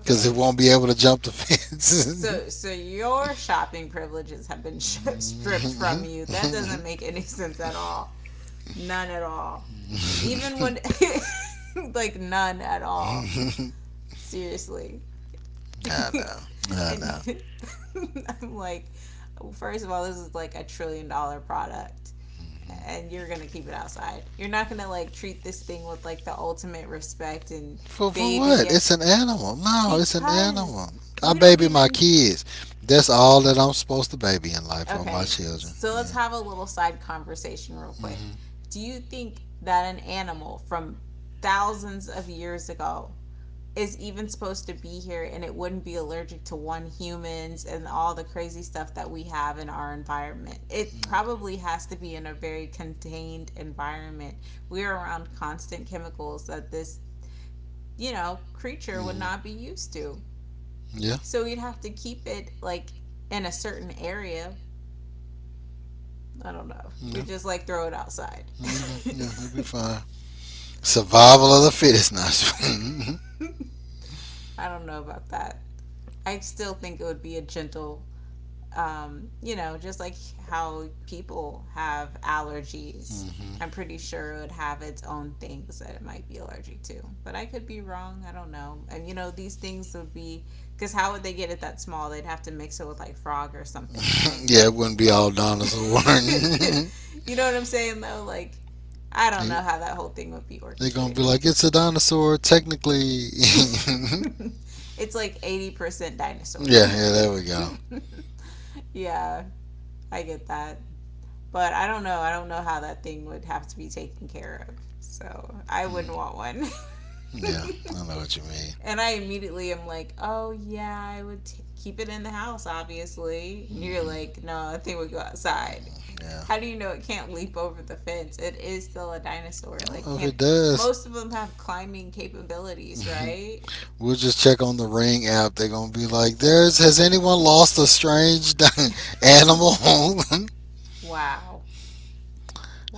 because it won't be able to jump the fence.
So,
*laughs*
so your shopping privileges have been *laughs* stripped from you. That doesn't make any *laughs* sense at all. None at all. Even
Mm-hmm.
when, *laughs* like, none at all. Seriously.
*laughs* I know.
*laughs*
I
and
know.
*laughs* I'm like, first of all, this is like a trillion dollar product, and you're gonna keep it outside. You're not gonna like treat this thing with like the ultimate respect and
For
baby
what?
it
It's an animal. No, it's an
because
animal. I
we don't
baby my
even.
kids. That's all that I'm supposed to baby in life are my
Okay,
children.
so let's
Yeah.
have a little side conversation real quick. Do you think that an animal from thousands of years ago is even supposed to be here, and it wouldn't be allergic to one humans and all the crazy stuff that we have in our environment? It
Hmm.
probably has to be in a very contained environment. We're around constant chemicals that this, you know, creature would
Hmm.
not be used to.
Yeah.
So you'd have to keep it like in a certain area. I don't know. You're
Yeah.
just like throw it outside.
Hmm.
*laughs*
Yeah. It'll be fine. Survival of the fittest. Not. *laughs*
I don't know about that. I still think it would be a gentle, you know, just like how people have allergies.
Hmm.
I'm pretty sure it would have its own things that it might be allergic to. But I could be wrong. I don't know. And you know, these things would be because how would they get it that small? They'd have to mix it with like frog or something,
*laughs*
right?
Yeah. It wouldn't be all dinosaur. *laughs*
*laughs* You know what I'm saying though? Like, I don't know
They,
how that whole thing would be
they're gonna be
orchestrated.
like, it's a dinosaur technically. *laughs* yeah.
*laughs* It's like 80% dinosaur.
Yeah. There we go.
*laughs* Yeah, I get that. But I don't know. I don't know how that thing would have to be taken care of. So I wouldn't
Mm,
want one.
yeah. I know what you mean.
*laughs* And I immediately am like, oh, yeah, I would keep it in the house, obviously. And you're like,
Hmm.
no, that thing would go outside.
Yeah.
How do you know it can't leap over the fence? It is still a dinosaur.
I don't
Like,
know if
can't
it does.
most of them have climbing capabilities,
*laughs*
right?
We'll just check on the Ring app. They're gonna be like, "There's has anyone lost a strange *laughs* animal?" *laughs*
Wow.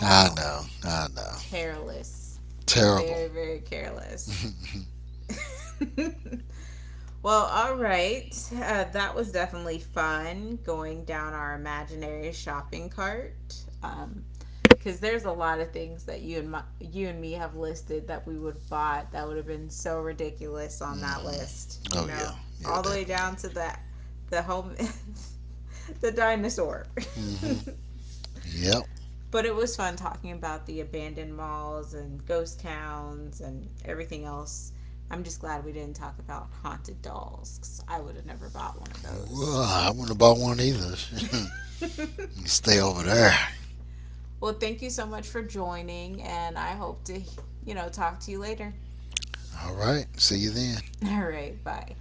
I know,
Careless.
terrible.
Very, very careless.
*laughs*
*laughs* Well, all right. That was definitely fun going down our imaginary shopping cart. Because there's a lot of things that you and me have listed that we would have bought that would have been so ridiculous on that
Hmm.
list. You
Oh yeah,
know,
yeah,
all the way
definitely.
down to the home *laughs* the dinosaur. *laughs*
Hmm. Yep.
But it was fun talking about the abandoned malls and ghost towns and everything else. I'm just glad we didn't talk about haunted dolls because I would have never bought one of
Whoa,
those.
I wouldn't have bought one either. *laughs*
*laughs*
Stay over there.
Well, thank you so much for joining, and I hope to, you know, talk to you later.
All right. See you then.
*laughs* All right, bye.